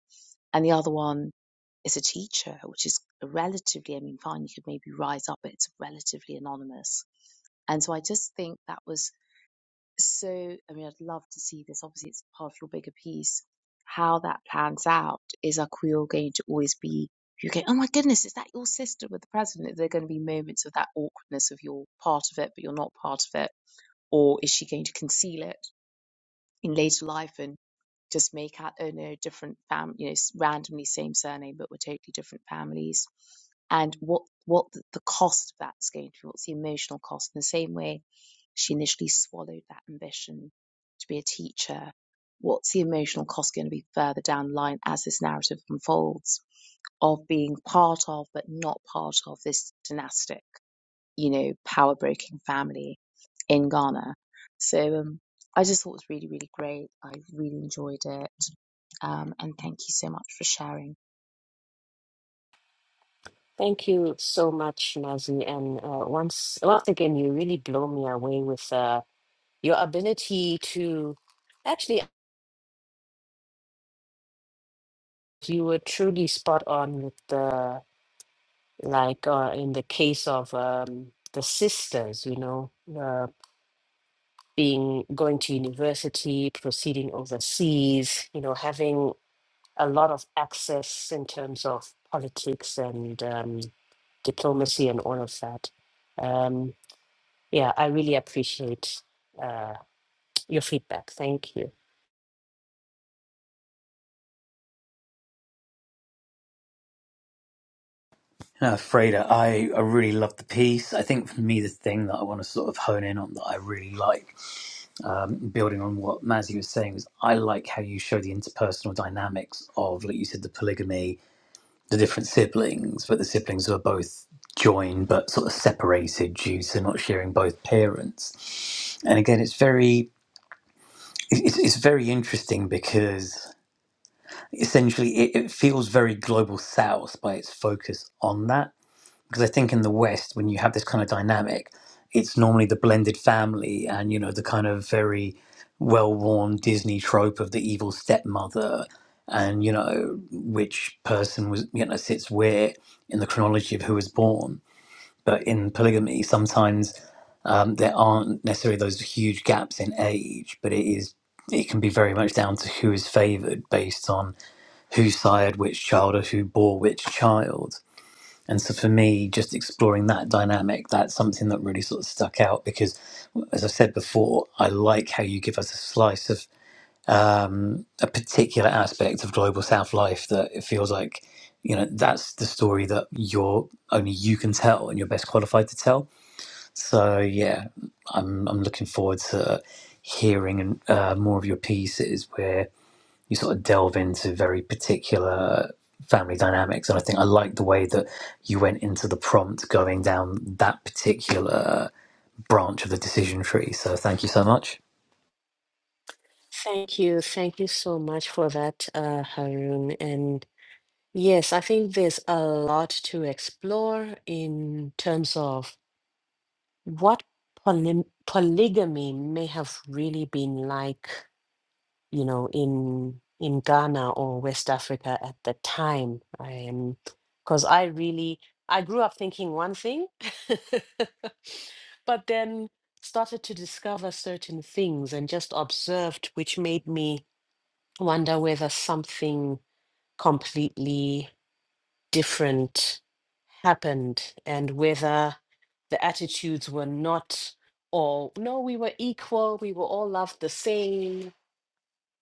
And the other one is a teacher, which is a relatively, I mean, fine, you could maybe rise up, but it's relatively anonymous. And so I just think that was so, I mean, I'd love to see this. Obviously, it's part of your bigger piece. How that plans out is our Quill going to always be you go, oh my goodness, is that your sister with the president? There are going to be moments of that awkwardness of you're part of it, but you're not part of it or is she going to conceal it in later life and just make out oh no different fam you know s- randomly same surname but we're totally different families and what what th- the cost of that is going to be what's the emotional cost in the same way she initially swallowed that ambition to be a teacher what's the emotional cost going to be further down the line as this narrative unfolds of being part of but not part of this dynastic you know, power broking family in Ghana. So um, I just thought it was really, really great. I really enjoyed it. Um, and thank you so much for sharing. Thank you so much, Nazi. And uh, once once again, you really blow me away with uh, your ability to actually, you were truly spot on with the like uh, in the case of um, the sisters, you know, uh, being going to university, proceeding overseas, you know, having a lot of access in terms of politics and um, diplomacy and all of that. Um, yeah, I really appreciate uh, your feedback. Thank you. No, Freda, I, I really love the piece. I think for me, the thing that I want to sort of hone in on that I really like um, building on what Mazzy was saying, is I like how you show the interpersonal dynamics of, like you said, the polygamy, the different siblings, but the siblings who are both joined but sort of separated due to not sharing both parents. And again, it's very it's, it's very interesting because essentially it, it feels very global south by its focus on that because I think in the West, when you have this kind of dynamic, it's normally the blended family and you know the kind of very well-worn Disney trope of the evil stepmother and you know which person was you know sits where in the chronology of who was born. But in polygamy, sometimes um, there aren't necessarily those huge gaps in age, but it is it can be very much down to who is favoured based on who sired which child or who bore which child and so for me, just exploring that dynamic, that's something that really sort of stuck out because, as I've said before, I like how you give us a slice of um, a particular aspect of global South life that it feels like, you know, that's the story that you're only you can tell and you're best qualified to tell. So yeah, I'm I'm looking forward to hearing uh, more of your pieces where you sort of delve into very particular family dynamics. And I think I like the way that you went into the prompt going down that particular branch of the decision tree. So thank you so much. Thank you. Thank you so much for that, uh, Haroon. And yes, I think there's a lot to explore in terms of what poly- polygamy may have really been like, you know, in in Ghana or West Africa at the time. Um, because I really I grew up thinking one thing, but then started to discover certain things and just observed, which made me wonder whether something completely different happened and whether the attitudes were not all no we were equal we were all loved the same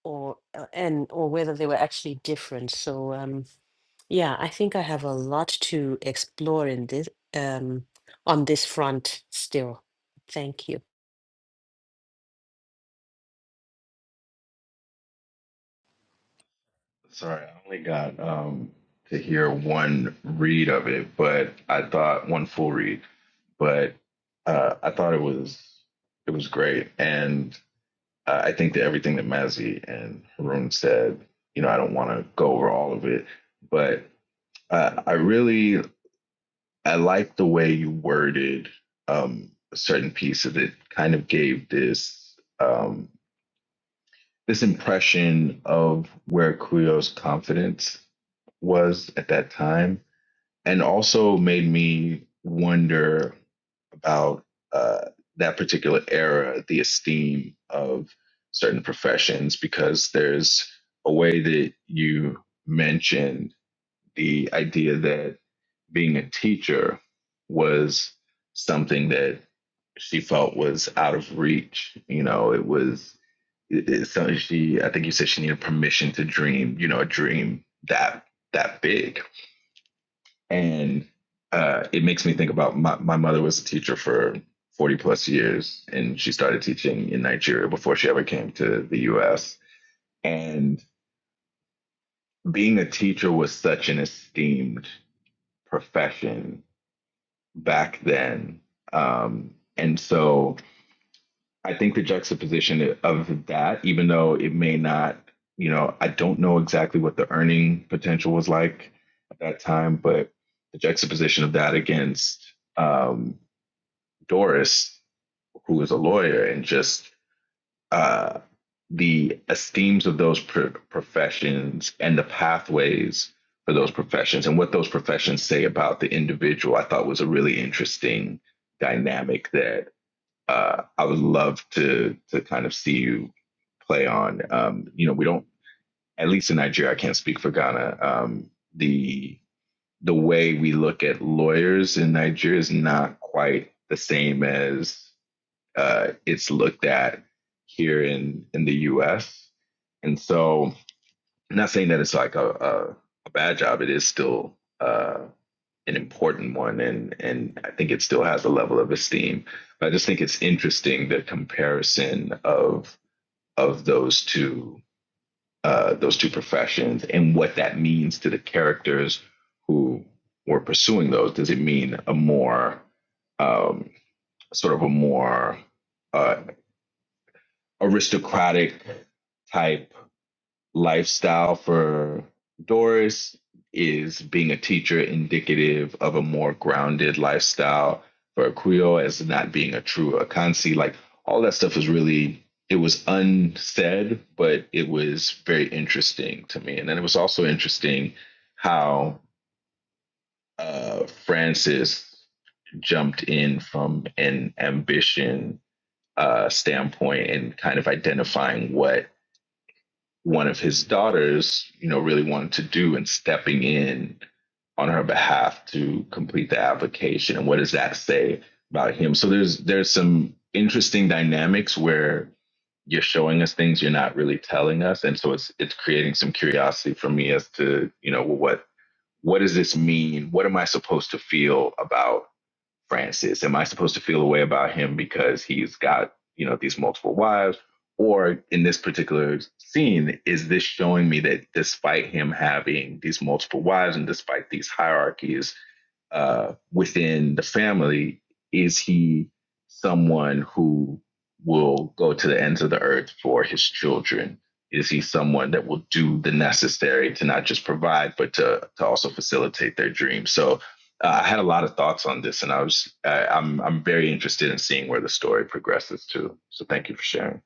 or uh, and or whether they were actually different so um yeah i think i have a lot to explore in this um on this front still thank you Sorry, I only got um to hear one read of it, but I thought one full read, but uh, I thought it was it was great, and uh, I think that everything that Mazzy and Haroon said, you know, I don't want to go over all of it, but uh, I really I like the way you worded um a certain piece of it. Kind of gave this um this impression of where Kuyo's confidence was at that time, and also made me wonder about uh, that particular era, the esteem of certain professions, because there's a way that you mentioned the idea that being a teacher was something that she felt was out of reach. You know, it was it- it- so she i think you said she needed permission to dream you know a dream that that big and uh it makes me think about my, my mother was a teacher for 40 plus years and she started teaching in nigeria before she ever came to the us and being a teacher was such an esteemed profession back then um and so I think the juxtaposition of that, even though it may not, you know, I don't know exactly what the earning potential was like at that time, but the juxtaposition of that against um, Doris, who is a lawyer, and just uh, the esteems of those pro- professions and the pathways for those professions and what those professions say about the individual, I thought was a really interesting dynamic that uh, I would love to to kind of see you play on. Um, you know, we don't at least in Nigeria. I can't speak for Ghana. Um, the the way we look at lawyers in Nigeria is not quite the same as uh, it's looked at here in in the U.S. And so, I'm not saying that it's like a, a, a bad job. It is still. uh, an important one, and and I think it still has a level of esteem. But I just think it's interesting the comparison of of those two uh, those two professions and what that means to the characters who were pursuing those. Does it mean a more um, sort of a more uh, aristocratic type lifestyle for Doris is being a teacher indicative of a more grounded lifestyle for Creole as not being a true Akansi. Like all that stuff is really it was unsaid, but it was very interesting to me. And then it was also interesting how uh, Francis jumped in from an ambition uh, standpoint and kind of identifying what one of his daughters, you know, really wanted to do and stepping in on her behalf to complete the application. And what does that say about him? So there's there's some interesting dynamics where you're showing us things you're not really telling us. And so it's it's creating some curiosity for me as to, you know, well, what what does this mean? What am I supposed to feel about Francis? Am I supposed to feel a way about him because he's got, you know, these multiple wives? Or in this particular scene, is this showing me that despite him having these multiple wives and despite these hierarchies uh, within the family, is he someone who will go to the ends of the earth for his children? Is he someone that will do the necessary to not just provide, but to, to also facilitate their dreams? So uh, I had a lot of thoughts on this, and I was I, I'm I'm very interested in seeing where the story progresses to. So thank you for sharing.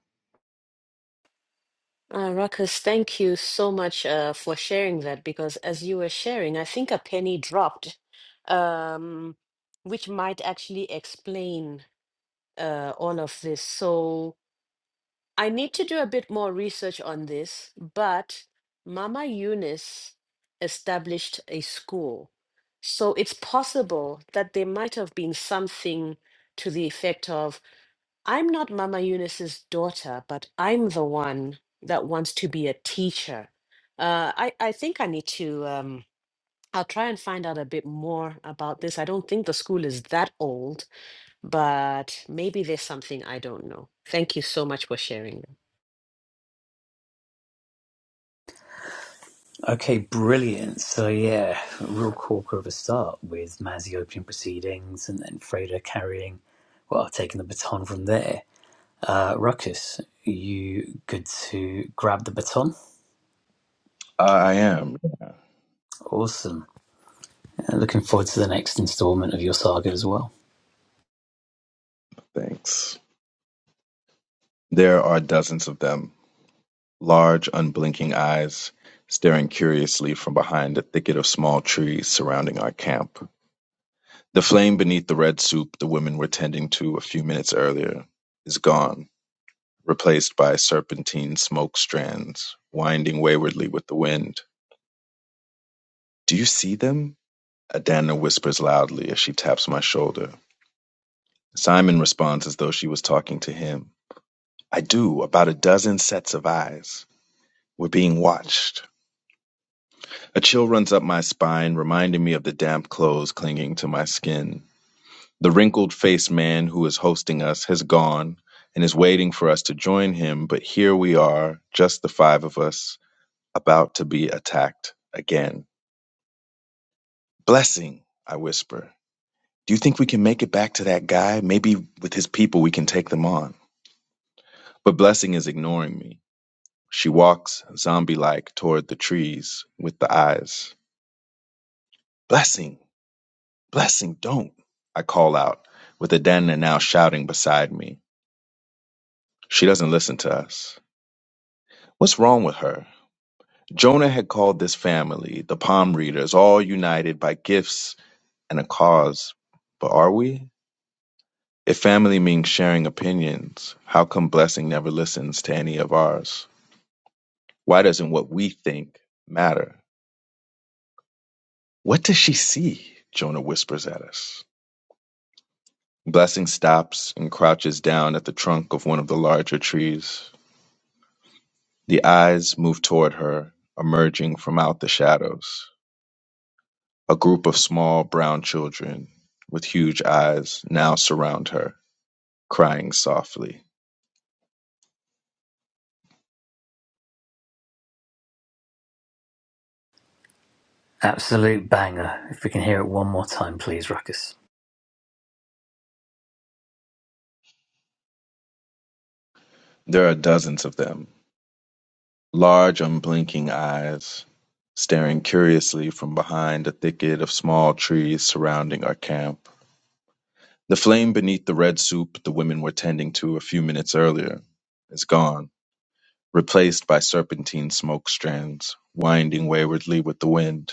uh, Ruckus, thank you so much uh, for sharing that because as you were sharing, I think a penny dropped, um, which might actually explain uh, all of this. So, I need to do a bit more research on this, but Mama Eunice established a school. So it's possible that there might have been something to the effect of I'm not Mama Eunice's daughter, but I'm the one that wants to be a teacher. Uh, I, I think I need to, um, I'll try and find out a bit more about this. I don't think the school is that old, but maybe there's something I don't know. Thank you so much for sharing. Okay, brilliant. So yeah, real corker of a start with Mazzy opening proceedings and then Freda carrying, well, taking the baton from there. Uh, Ruckus, you good to grab the baton? I am. Awesome. Uh, looking forward to the next instalment of your saga as well. Thanks. There are dozens of them. Large, unblinking eyes, staring curiously from behind a thicket of small trees surrounding our camp. The flame beneath the red soup the women were tending to a few minutes earlier is gone, replaced by serpentine smoke strands, winding waywardly with the wind. Do you see them? Adana whispers loudly as she taps my shoulder. Simon responds as though she was talking to him. I do, about a dozen sets of eyes. We're being watched. A chill runs up my spine, reminding me of the damp clothes clinging to my skin. The wrinkled faced man who is hosting us has gone and is waiting for us to join him, but here we are, just the five of us, about to be attacked again. Blessing, I whisper. Do you think we can make it back to that guy? Maybe with his people we can take them on. But Blessing is ignoring me. She walks zombie like toward the trees with the eyes. Blessing, Blessing, don't, I call out, with Adana now shouting beside me. She doesn't listen to us. What's wrong with her? Jonah had called this family, the palm readers, all united by gifts and a cause. But are we? If family means sharing opinions, how come Blessing never listens to any of ours? Why doesn't what we think matter? What does she see? Jonah whispers at us. Blessing stops and crouches down at the trunk of one of the larger trees. The eyes move toward her, emerging from out the shadows. A group of small brown children with huge eyes now surround her, crying softly. Absolute banger. If we can hear it one more time, please, Ruckus. There are dozens of them, large, unblinking eyes, staring curiously from behind a thicket of small trees surrounding our camp. The flame beneath the red soup the women were tending to a few minutes earlier is gone, replaced by serpentine smoke strands, winding waywardly with the wind.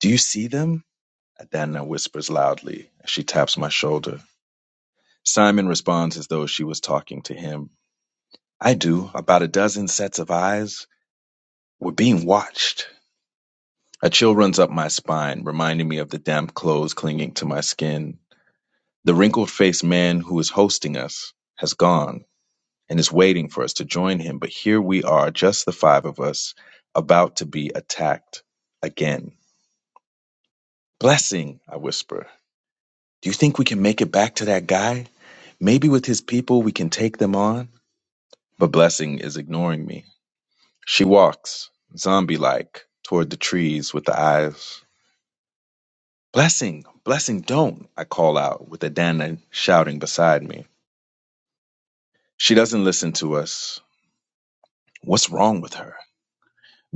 Do you see them? Adana whispers loudly as she taps my shoulder. Simon responds as though she was talking to him. I do. About a dozen sets of eyes. We're being watched. A chill runs up my spine, reminding me of the damp clothes clinging to my skin. The wrinkled faced man who is hosting us has gone and is waiting for us to join him, but here we are, just the five of us, about to be attacked again. Blessing, I whisper. Do you think we can make it back to that guy? Maybe with his people we can take them on? But Blessing is ignoring me. She walks, zombie like, toward the trees with the eyes. Blessing, Blessing, don't, I call out, with Adana shouting beside me. She doesn't listen to us. What's wrong with her?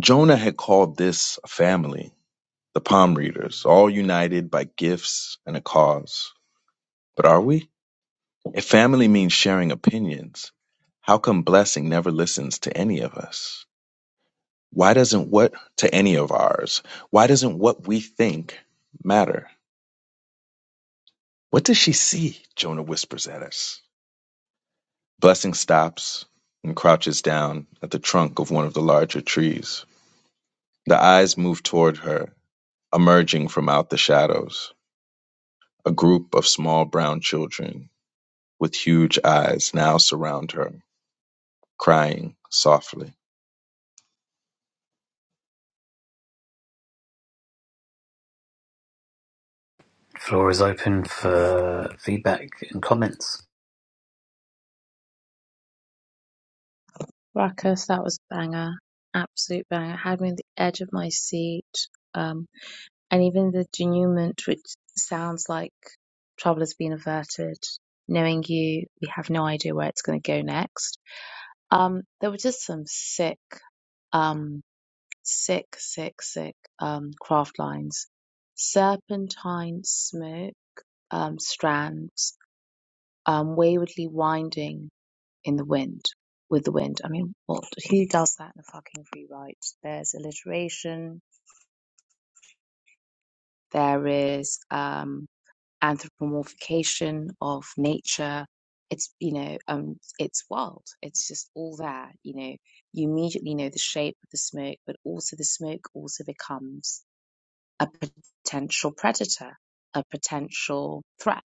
Jonah had called this a family, the palm readers, all united by gifts and a cause. But are we? If family means sharing opinions, how come Blessing never listens to any of us? Why doesn't what to any of ours? Why doesn't what we think matter? What does she see? Jonah whispers at us. Blessing stops and crouches down at the trunk of one of the larger trees. The eyes move toward her, emerging from out the shadows. A group of small brown children with huge eyes now surround her, crying softly. Floor is open for feedback and comments. Ruckus, that was a banger. Absolute banger. Had me on the edge of my seat. Um, and even the denouement, which sounds like trouble has been averted. Knowing you, we have no idea where it's going to go next. Um, there were just some sick, um, sick, sick, sick um, craft lines, serpentine smoke um, strands, um, waywardly winding in the wind, with the wind. I mean, what? Who does that in a fucking free write? There's alliteration. There is um, anthropomorphication of nature. It's you know, um, it's wild. It's just all there. You know, you immediately know the shape of the smoke, but also the smoke also becomes a potential predator, a potential threat,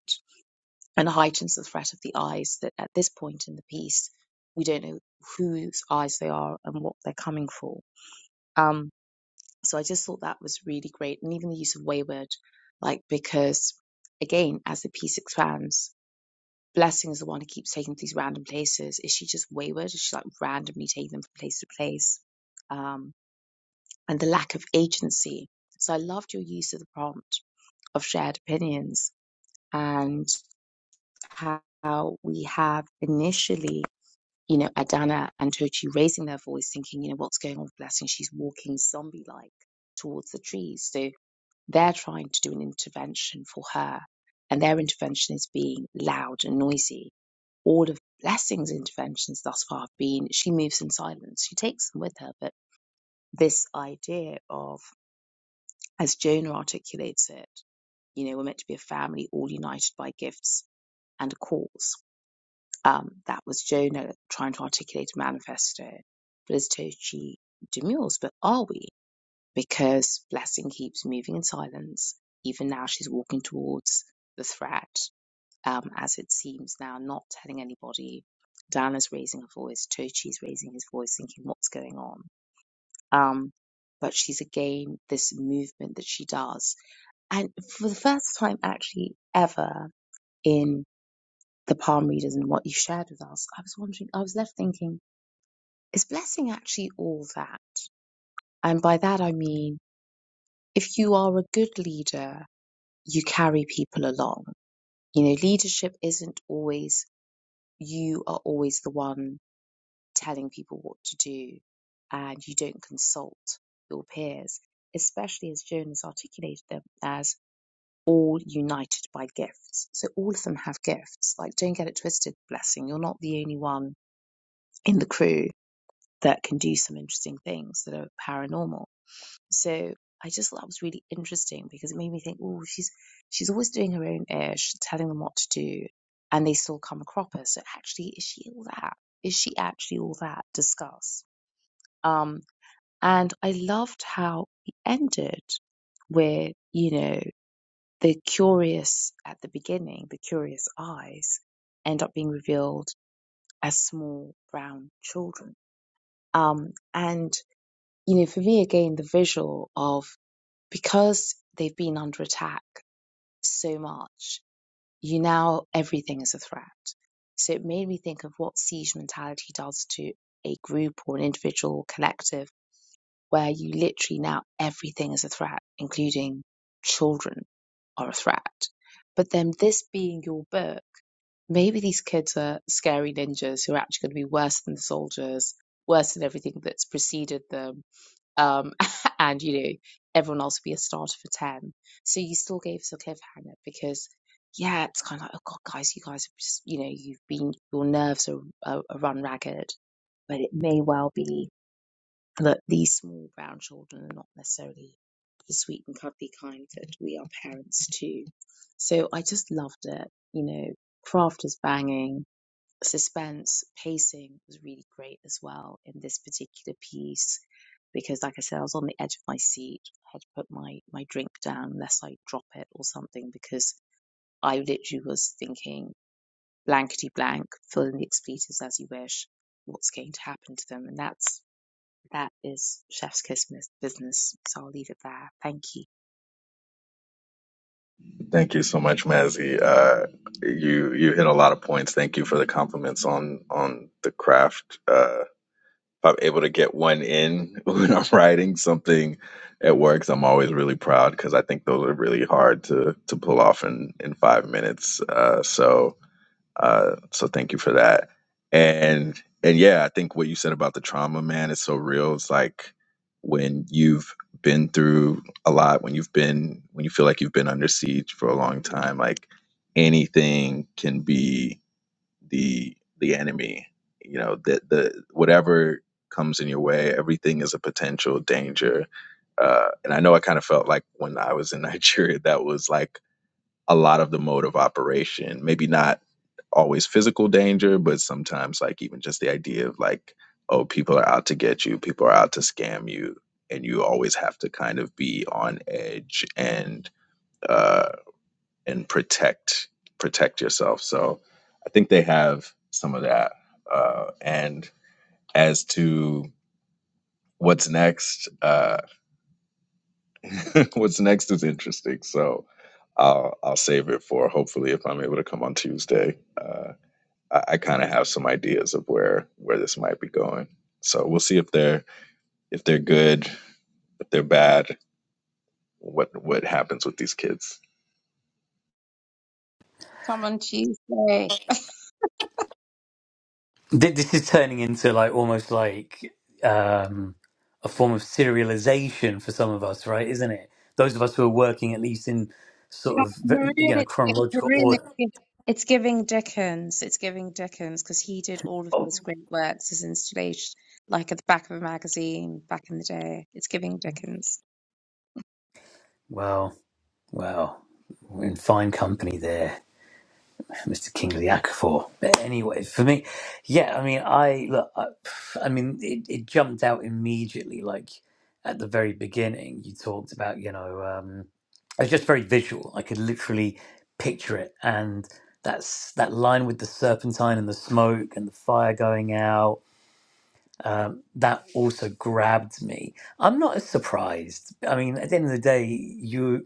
and heightens the threat of the eyes that at this point in the piece, we don't know whose eyes they are and what they're coming for. Um, so I just thought that was really great. And even the use of wayward, like, because again, as the piece expands, Blessing is the one who keeps taking these random places. Is she just wayward? Is she like randomly taking them from place to place? Um, and the lack of agency. So I loved your use of the prompt of shared opinions and how we have initially, you know, Adana and Tochi raising their voice, thinking, you know, what's going on with Blessing? She's walking zombie like towards the trees. So they're trying to do an intervention for her, and their intervention is being loud and noisy. All of Blessing's interventions thus far have been she moves in silence, she takes them with her, but this idea of, as Jonah articulates it, you know, we're meant to be a family all united by gifts and a cause Um, that was Jonah trying to articulate a manifesto. Felicitochi demurs, but are we? Because Blessing keeps moving in silence. Even now, she's walking towards the threat, um, as it seems now, not telling anybody. Diana's raising her voice. Tochi's raising his voice, thinking, what's going on? Um, but she's again this movement that she does. And for the first time, actually, ever in the palm readers and what you shared with us, I was wondering, I was left thinking, Is blessing actually all that? And by that I mean, if you are a good leader, you carry people along. You know, leadership isn't always, you are always the one telling people what to do and you don't consult your peers, especially as Joan has articulated them as all united by gifts. So all of them have gifts. Like, don't get it twisted, blessing. You're not the only one in the crew that can do some interesting things that are paranormal So I just thought that was really interesting because it made me think, oh, she's she's always doing her own ish, telling them what to do, and they still come a cropper. So actually, is she all that? Is she actually all that? Discuss. Um, and I loved how he ended with, you know, the curious at the beginning, the curious eyes end up being revealed as small brown children. Um, and you know, for me again, the visual of because they've been under attack so much, you now everything is a threat. So it made me think of what siege mentality does to a group or an individual or collective where you literally now everything is a threat, including children are a threat. But then this being your book, maybe these kids are scary ninjas who are actually going to be worse than the soldiers, worse than everything that's preceded them um, and you know, everyone else would be a starter for 10. So you still gave us a cliffhanger because, yeah, it's kind of like, oh God, guys, you guys, have just, you know, you've been, your nerves are, are, are run ragged, but it may well be that these small brown children are not necessarily the sweet and cuddly kind that we are parents to. So I just loved it. You know, craft is banging suspense pacing was really great as well in this particular piece because like i said i was on the edge of my seat i had to put my my drink down lest i drop it or something because i literally was thinking blankety blank fill in the expletives as you wish what's going to happen to them and that's that is chef's Christmas business so i'll leave it there thank you Thank you so much, Mazzy. Uh, you you hit a lot of points. Thank you for the compliments on on the craft. Uh, If I'm able to get one in when I'm writing something at works, I'm always really proud because I think those are really hard to to pull off in in five minutes. Uh, so uh, so thank you for that. And and yeah, I think what you said about the trauma, man, is so real. It's like when you've been through a lot, when you've been when you feel like you've been under siege for a long time, like anything can be the the enemy you know that the whatever comes in your way everything is a potential danger uh and i know i kind of felt like when i was in nigeria that was like a lot of the mode of operation maybe not always physical danger but sometimes like even just the idea of like oh people are out to get you people are out to scam you and you always have to kind of be on edge and uh, and protect protect yourself. So I think they have some of that. Uh, and as to what's next, uh, what's next is interesting. So I'll I'll save it for hopefully if I'm able to come on Tuesday. Uh, I, I kind of have some ideas of where where this might be going. So we'll see if they're if they're good, if they're bad, what what happens with these kids. come on tuesday Th- This is turning into like almost like um, a form of serialization for some of us, right? Isn't it? Those of us who are working at least in sort of We're ve- in you know it's chronological we're in order. it's it's giving Dickens. It's giving Dickens because he did all of Oh, his great works as installation, like at the back of a magazine back in the day. It's giving Dickens. well, well, we're in fine company there. Mr. Kingsley Ackford. But anyway, for me, yeah, I mean, I look, I, I mean, it, it jumped out immediately. Like at the very beginning, you talked about, you know, um, it was just very visual. I could literally picture it, and that's that line with the serpentine and the smoke and the fire going out. Um, that also grabbed me. I'm not as surprised. I mean, at the end of the day, you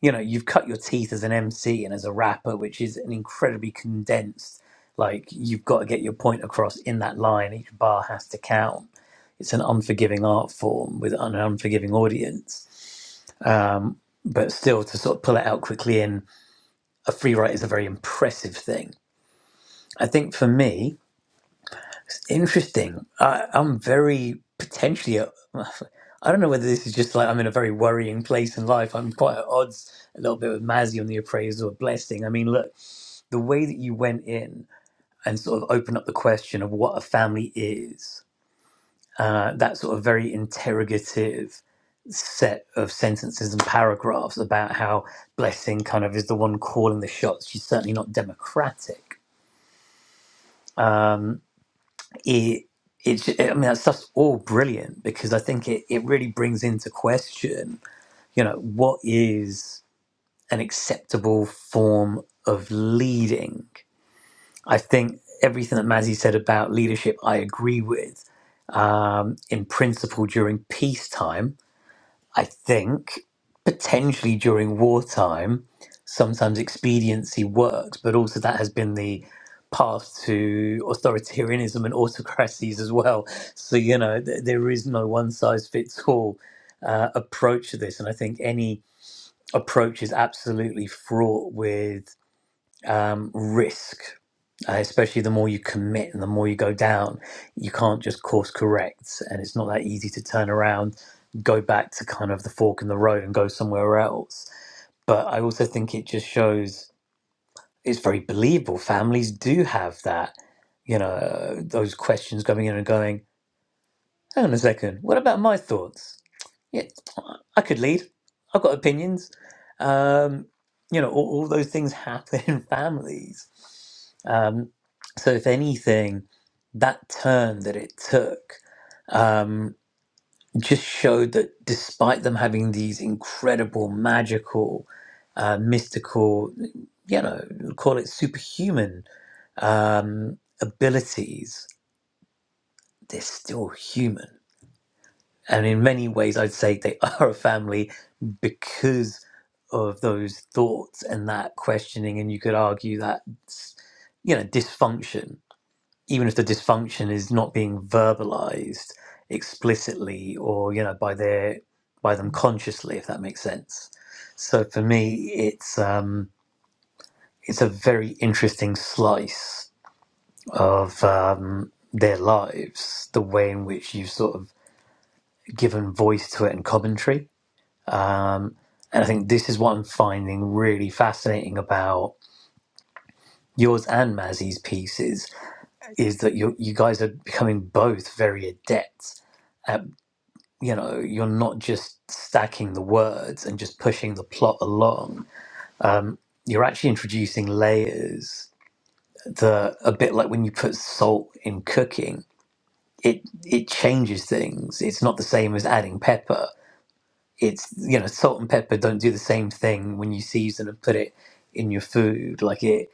you know you've cut your teeth as an MC and as a rapper, which is an incredibly condensed. Like you've got to get your point across in that line. Each bar has to count. It's an unforgiving art form with an unforgiving audience. Um, but still, to sort of pull it out quickly in a free write is a very impressive thing. I think for me, it's interesting. I, I'm very potentially. A, I don't know whether this is just like I'm in a very worrying place in life. I'm quite at odds a little bit with Mazzy on the appraisal of blessing. I mean, look. the way that you went in and sort of opened up the question of what a family is, uh, that sort of very interrogative set of sentences and paragraphs about how Blessing kind of is the one calling the shots. She's certainly not democratic. Um, it, it's, I mean, that stuff's all brilliant because I think it, it really brings into question, you know, what is an acceptable form of leading I think everything that Mazzy said about leadership, I agree with um, in principle during peacetime. I think potentially during wartime, sometimes expediency works, but also that has been the path to authoritarianism and autocracies as well. So, you know, th- there is no one size fits all uh, approach to this. And I think any approach is absolutely fraught with um, risk uh, especially the more you commit and the more you go down, you can't just course correct. And it's not that easy to turn around, go back to kind of the fork in the road and go somewhere else. But I also think it just shows it's very believable. Families do have that, you know, those questions coming in and going, hang on a second, what about my thoughts? Yeah, I could lead. I've got opinions. Um, you know, all, all those things happen in families. Um, so, if anything, that turn that it took um, just showed that despite them having these incredible, magical, uh, mystical, you know, call it superhuman um, abilities, they're still human and in many ways i'd say they are a family because of those thoughts and that questioning and you could argue that you know dysfunction even if the dysfunction is not being verbalized explicitly or you know by their by them consciously if that makes sense so for me it's um it's a very interesting slice of um their lives the way in which you've sort of given voice to it and commentary Um, and I think this is what I'm finding really fascinating about yours and Mazzy's pieces is that you you guys are becoming both very adept at you know you're not just stacking the words and just pushing the plot along. Um, you're actually introducing layers that a bit like when you put salt in cooking. It, it changes things. It's not the same as adding pepper it's you know salt and pepper don't do the same thing when you season and put it in your food like it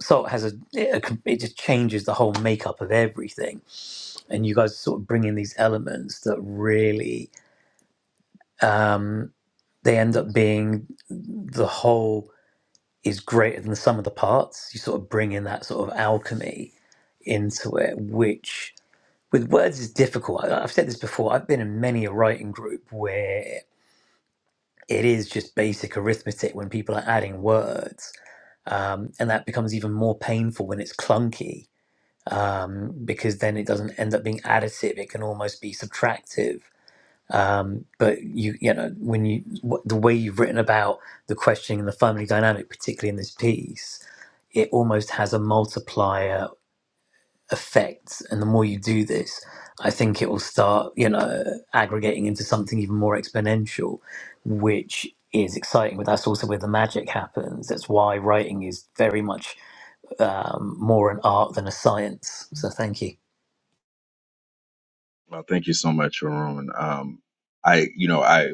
salt has a it, it just changes the whole makeup of everything and you guys sort of bring in these elements that really um they end up being the whole is greater than the sum of the parts you sort of bring in that sort of alchemy into it which with words is difficult I, i've said this before i've been in many a writing group where it is just basic arithmetic when people are adding words. Um, and that becomes even more painful when it's clunky um, because then it doesn't end up being additive. It can almost be subtractive. Um, but you, you know, when you, wh- the way you've written about the questioning and the family dynamic, particularly in this piece, it almost has a multiplier effects and the more you do this i think it will start you know aggregating into something even more exponential which is exciting but that's also where the magic happens that's why writing is very much um, more an art than a science so thank you Well, thank you so much, Arun. Um, I, you know, I,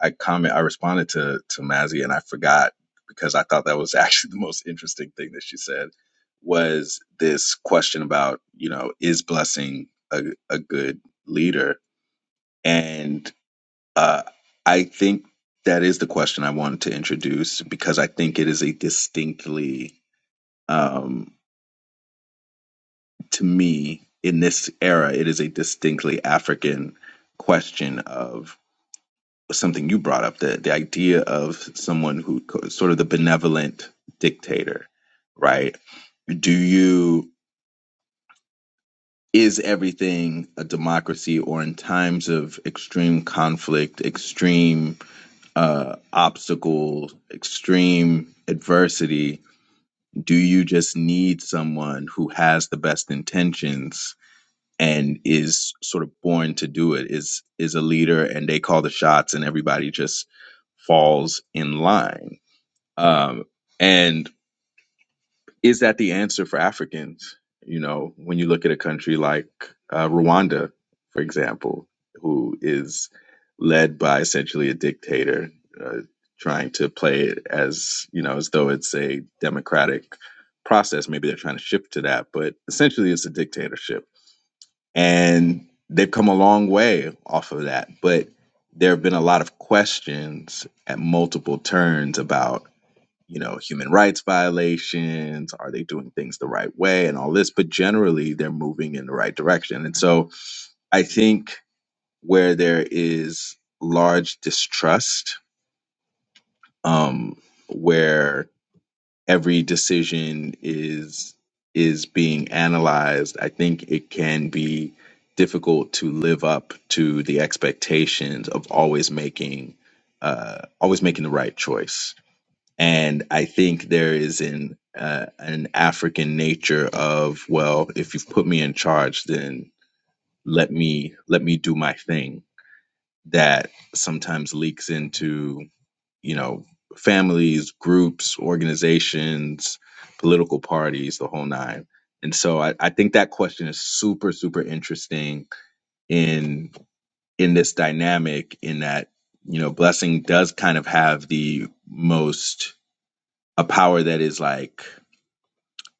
I comment, I responded to to Mazzy, and I forgot because I thought that was actually the most interesting thing that she said was this question about, you know, is blessing a a good leader? And uh, I think that is the question I wanted to introduce because I think it is a distinctly, um, to me, in this era, it is a distinctly African question of something you brought up the, the idea of someone who sort of the benevolent dictator right do you is everything a democracy or in times of extreme conflict extreme uh obstacle extreme adversity do you just need someone who has the best intentions and is sort of born to do it is is a leader and they call the shots and everybody just falls in line Um, and is that the answer for Africans? You know, when you look at a country like uh, Rwanda, for example, who is led by essentially a dictator, uh, trying to play it as you know as though it's a democratic process. Maybe they're trying to shift to that, but essentially it's a dictatorship, and they've come a long way off of that. But there have been a lot of questions at multiple turns about you know, human rights violations? Are they doing things the right way and all this? But generally, they're moving in the right direction. And so I think where there is large distrust, um, where every decision is is being analyzed, I think it can be difficult to live up to the expectations of always making uh, always making the right choice and I think there is an uh, an African nature of well, if you've put me in charge, then let me let me do my thing that sometimes leaks into you know families, groups, organizations, political parties, the whole nine. And so I, I think that question is super super interesting in in this dynamic in that you know blessing does kind of have the most a power that is like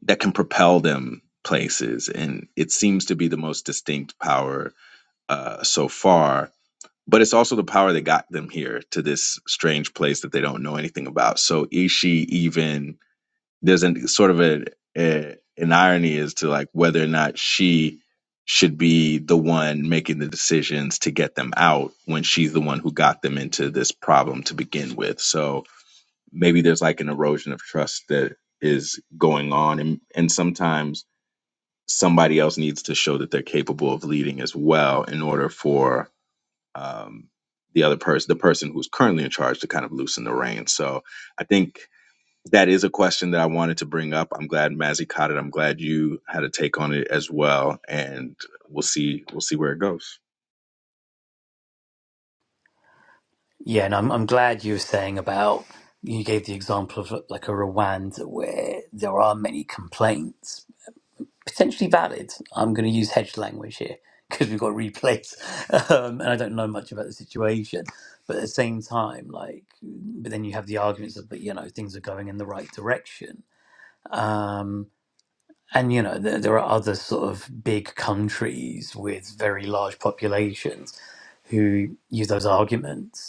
that can propel them places. And it seems to be the most distinct power uh, so far. But it's also the power that got them here to this strange place that they don't know anything about. So is she even there's an sort of a, a an irony as to like whether or not she should be the one making the decisions to get them out when she's the one who got them into this problem to begin with. So maybe there's like an erosion of trust that is going on and and sometimes somebody else needs to show that they're capable of leading as well in order for um, the other person, the person who's currently in charge, to kind of loosen the reins. So I think that is a question that I wanted to bring up. I'm glad Mazzy caught it. I'm glad you had a take on it as well, and we'll see we'll see where it goes. yeah and i'm, I'm glad you were saying about you gave the example of like a Rwanda where there are many complaints potentially valid. I'm going to use hedge language here because we've got replays, um, and I don't know much about the situation. But at the same time, like, but then you have the arguments of, but you know, things are going in the right direction. Um, and you know, there, there are other sort of big countries with very large populations who use those arguments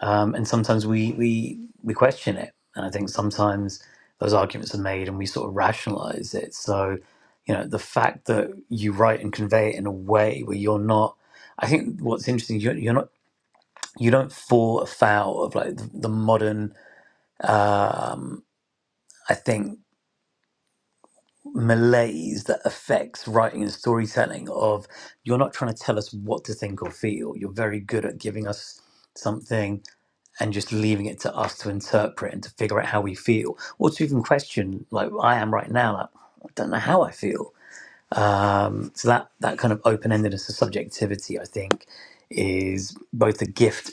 um, and sometimes we we we question it and i think sometimes those arguments are made and we sort of rationalize it so you know the fact that you write and convey it in a way where you're not i think what's interesting you're, you're not you don't fall afoul of like the, the modern um, i think malaise that affects writing and storytelling of you're not trying to tell us what to think or feel you're very good at giving us something and just leaving it to us to interpret and to figure out how we feel, or to even question, like I am right now, like I don't know how I feel. Um, so that that kind of open endedness of subjectivity, I think, is both a gift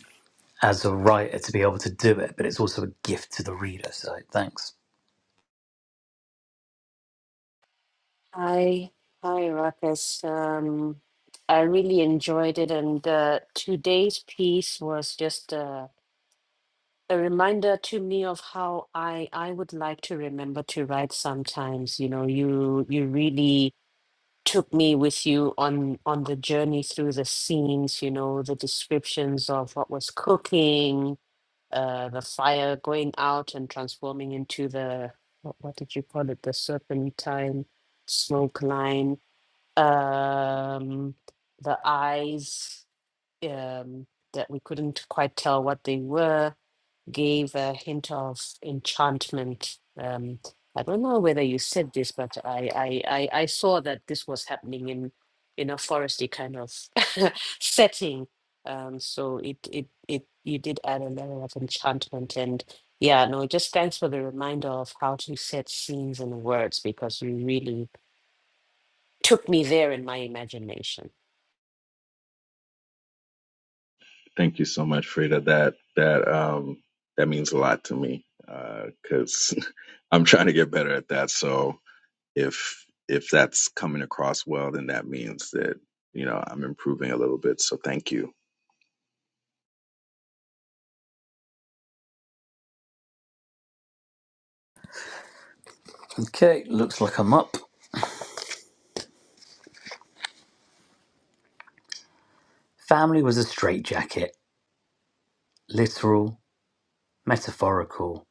as a writer to be able to do it, but it's also a gift to the reader. So thanks. Hi, hi, Ruckus. Um, I really enjoyed it, and uh, today's piece was just uh, a reminder to me of how I I would like to remember to write sometimes. You know, you you really took me with you on on the journey through the scenes. You know, the descriptions of what was cooking, uh, the fire going out and transforming into the what, what did you call it? The serpentine smoke line um, the eyes um, that we couldn't quite tell what they were gave a hint of enchantment. Um, I don't know whether you said this, but I, I, I, I saw that this was happening in in a foresty kind of setting. Um, so it, it it you did add a level of enchantment and yeah, no, just thanks for the reminder of how to set scenes and words because you really took me there in my imagination. Thank you so much, Frida. That that um, that means a lot to me because uh, I'm trying to get better at that. So if if that's coming across well then that means that you know i'm improving a little bit so thank you Okay, looks like I'm up. Family was a straitjacket, literal, metaphorical,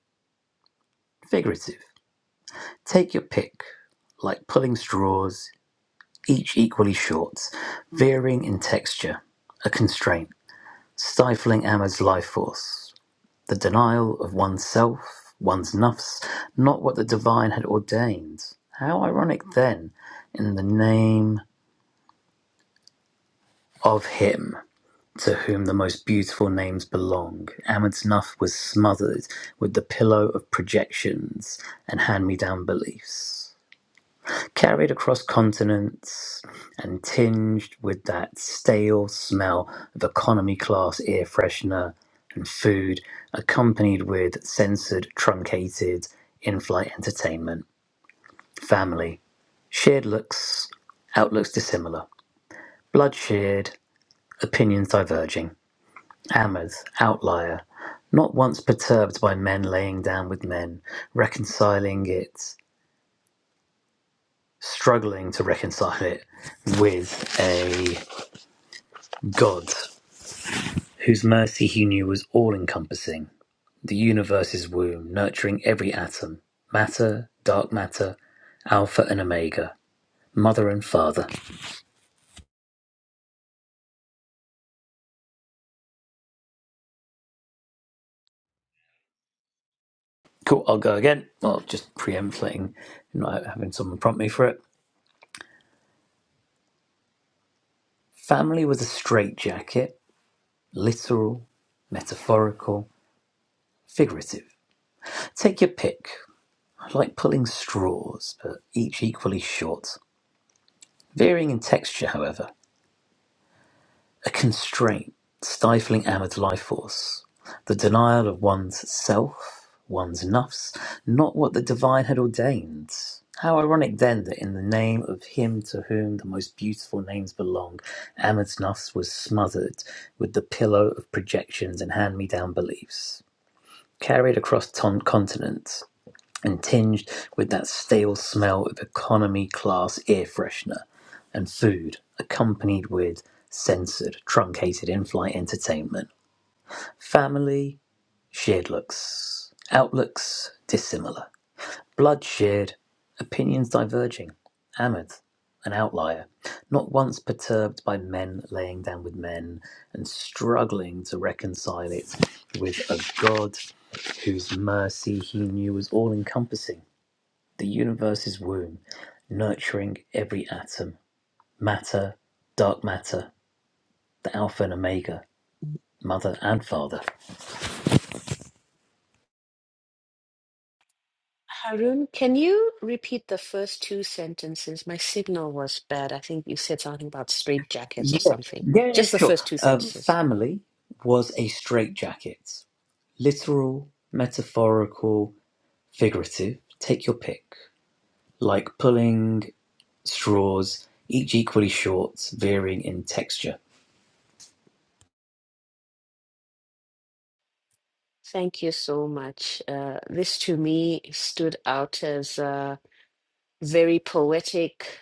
figurative. Take your pick, like pulling straws, each equally short, varying in texture, a constraint, stifling Ahmed's life force, the denial of oneself, one's nafs, not what the divine had ordained. How ironic then, in the name of him to whom the most beautiful names belong, Ahmed's nafs was smothered with the pillow of projections and hand-me-down beliefs. carried across continents and tinged with that stale smell of economy class air freshener and food, accompanied with censored, truncated in flight entertainment. Family. Shared looks, outlooks dissimilar. Blood shared, opinions diverging. Amers, outlier. Not once perturbed by men laying down with men, reconciling it, struggling to reconcile it with a God, whose mercy he knew was all-encompassing, the universe's womb, nurturing every atom, matter, dark matter, alpha and omega, mother and father. Cool, I'll go again. Well, just preempting, not having someone prompt me for it. Family was a straitjacket, literal, metaphorical, figurative. Take your pick. I like pulling straws, but each equally short. Varying in texture, however. A constraint stifling Ahmed's life force, the denial of one's self, one's nafs, not what the divine had ordained. How ironic then that in the name of him to whom the most beautiful names belong, Ahmed's nafs was smothered with the pillow of projections and hand-me-down beliefs, carried across ton- continents and tinged with that stale smell of economy class air freshener and food, accompanied with censored, truncated in flight entertainment. Family, shared looks, outlooks dissimilar, blood shared, opinions diverging. Ahmed, an outlier, not once perturbed by men laying down with men and struggling to reconcile it with a God whose mercy he knew was all encompassing the universe's womb, nurturing every atom, matter, dark matter, the alpha and omega, mother and father. Harun, can you repeat the first two sentences? My signal was bad. I think you said something about straight jackets or Yeah, something. yeah, yeah, Just the sure. first two Um, sentences. family was a straitjacket, literal, metaphorical, figurative. Take your pick. Like pulling straws, each equally short, varying in texture. Thank you so much. Uh, this to me stood out as uh, very poetic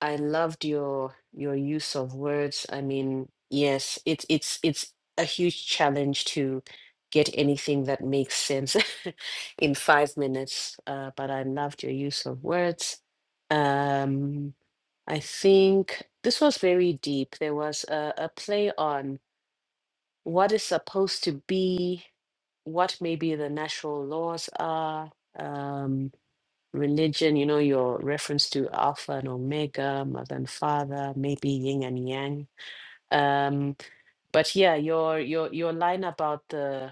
I loved your your use of words. I mean, yes, it's it's it's a huge challenge to get anything that makes sense in five minutes. Uh, but I loved your use of words. Um, I think this was very deep. There was a, a play on what is supposed to be, what maybe the natural laws are. Um, religion, you know, your reference to Alpha and Omega, mother and father, maybe yin and yang. Um, but yeah, your your your line about the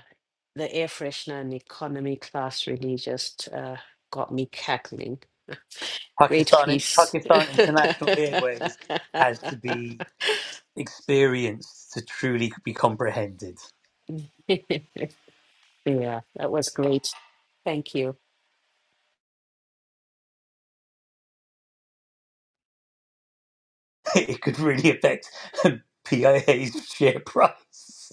the air freshener and economy class really just uh, got me cackling. Great Pakistan, piece. Pakistan yeah, International Airways has to be experienced to truly be comprehended. that was great. Thank you. it could really affect PIA's share price.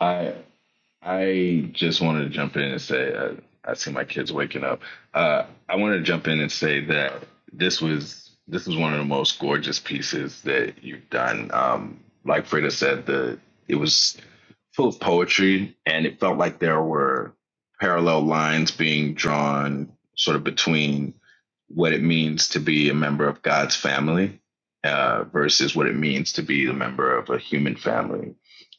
I I just wanted to jump in and say uh, I see my kids waking up. Uh, I wanted to jump in and say that this was this was one of the most gorgeous pieces that you've done. Um, like Freda said, the it was full of poetry, and it felt like there were parallel lines being drawn, sort of between what it means to be a member of God's family uh, versus what it means to be a member of a human family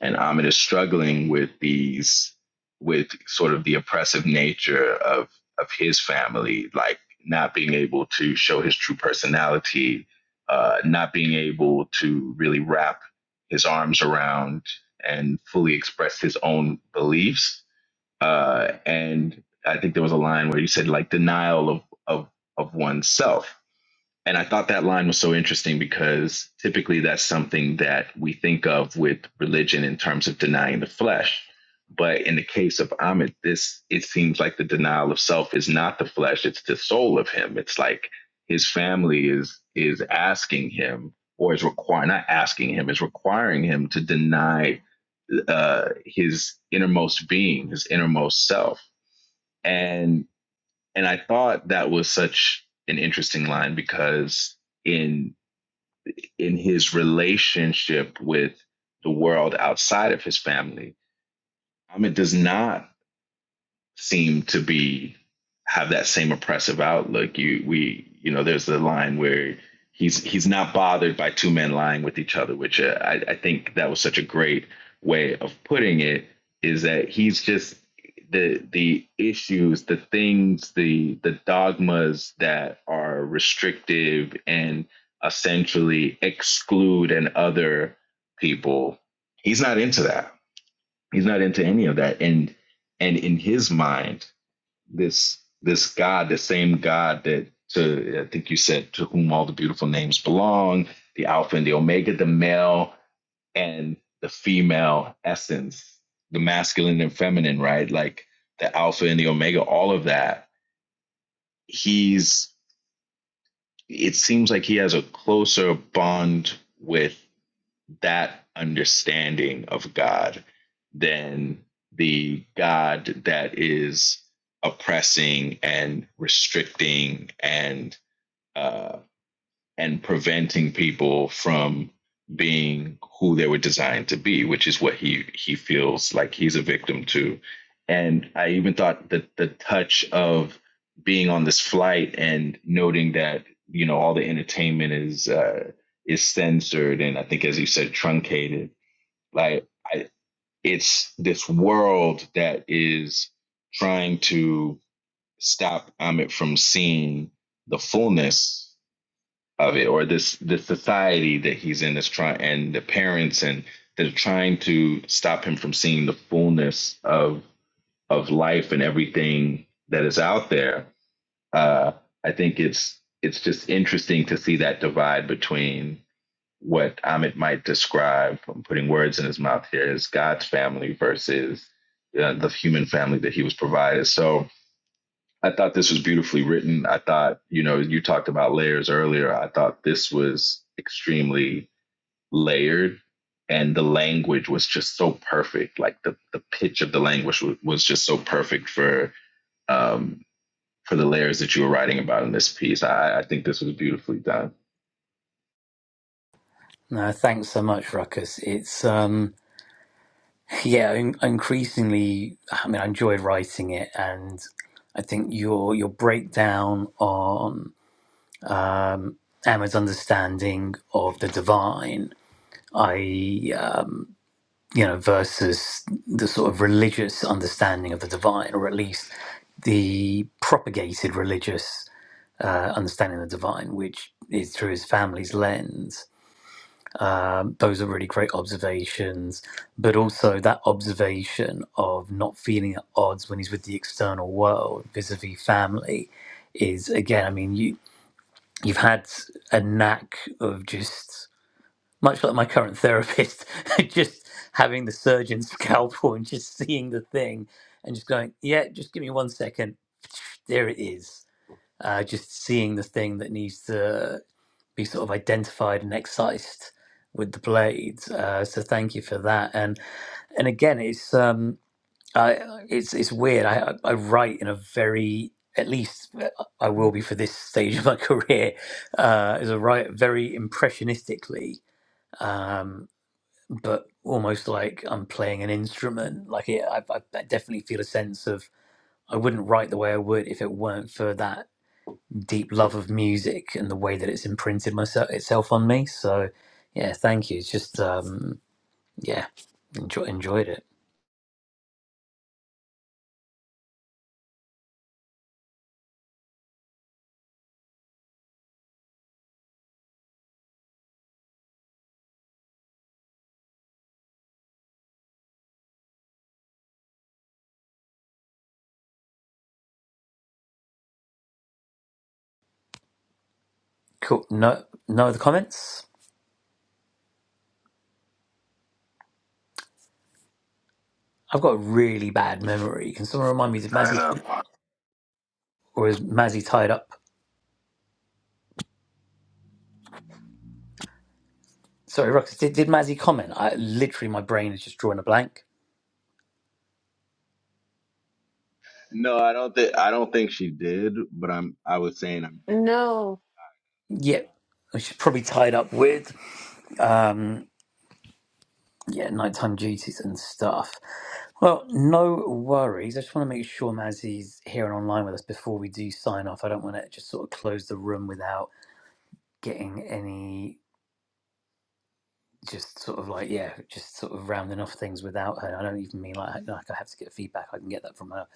and Ahmed is struggling with these with sort of the oppressive nature of of his family, like not being able to show his true personality, uh, not being able to really wrap his arms around and fully express his own beliefs. Uh, and I think there was a line where you said like denial of of of oneself and I thought that line was so interesting because typically that's something that we think of with religion in terms of denying the flesh. But in the case of Amit, this it seems like the denial of self is not the flesh, it's the soul of him. It's like his family is is asking him or is requiring not asking him, is requiring him to deny uh, his innermost being, his innermost self. And and I thought that was such an interesting line because in in his relationship with the world outside of his family. Um, it does not seem to be have that same oppressive outlook. You we you know there's the line where he's he's not bothered by two men lying with each other, which uh, I, I think that was such a great way of putting it. Is that he's just the the issues, the things, the the dogmas that are restrictive and essentially exclude and other people. He's not into that. He's not into any of that. And and in his mind, this this God, the same God that to I think you said to whom all the beautiful names belong, the Alpha and the Omega, the male and the female essence, the masculine and feminine, right? Like the Alpha and the Omega, all of that. He's it seems like he has a closer bond with that understanding of God than the God that is oppressing and restricting and uh, and preventing people from being who they were designed to be, which is what he he feels like he's a victim to. And I even thought that the touch of being on this flight and noting that you know all the entertainment is uh, is censored and I think as you said truncated. Like I, it's this world that is trying to stop Amit from seeing the fullness of it or this this society that he's in is trying and the parents and they're trying to stop him from seeing the fullness of of life and everything that is out there uh i think it's it's just interesting to see that divide between what Amit might describe, I'm putting words in his mouth here, as God's family versus uh, the human family that he was provided. So I thought this was beautifully written. I thought, you know, you talked about layers earlier. I thought this was extremely layered and the language was just so perfect. Like the, the pitch of the language was, was just so perfect for um, for the layers that you were writing about in this piece. I, I think this was beautifully done. No, thanks so much, Ruckus. It's um, yeah, in- increasingly. I mean, I enjoyed writing it, and I think your your breakdown on um, Emma's understanding of the divine, I um, you know, versus the sort of religious understanding of the divine, or at least the propagated religious uh, understanding the divine, which is through his family's lens. Um, those are really great observations, but also that observation of not feeling at odds when he's with the external world vis-a-vis family is again. I mean, you you've had a knack of just much like my current therapist, just having the surgeon's scalpel and just seeing the thing and just going, yeah, just give me one second, there it is. Uh, just seeing the thing that needs to be sort of identified and excised with the blades. Uh, so thank you for that. And and again, it's um, I, it's it's weird. I I I write in a very at least uh, I will be for this stage of my career uh, is a write very impressionistically, um, but almost like I'm playing an instrument. Like it, I, I I definitely feel a sense of I wouldn't write the way I would if it weren't for that deep love of music and the way that it's imprinted myself itself on me. So yeah, thank you. It's just um yeah, enjoy, enjoyed it. Cool. No no other comments? I've got a really bad memory. Can someone remind me let did tie it Mazzy up. I or is Mazzy tied up? Sorry, Rox, did, did Mazzy comment? I literally my brain is just drawing a blank. No. Yeah. She's probably tied up with. um, Yeah, nighttime duties and stuff. Well, no worries. I just want to make sure Mazzy's here and online with us before we do sign off. I don't want to just sort of close the room without getting any just sort of like yeah, just sort of rounding off things without her. I don't even mean like like like I have to get feedback. I can get that from her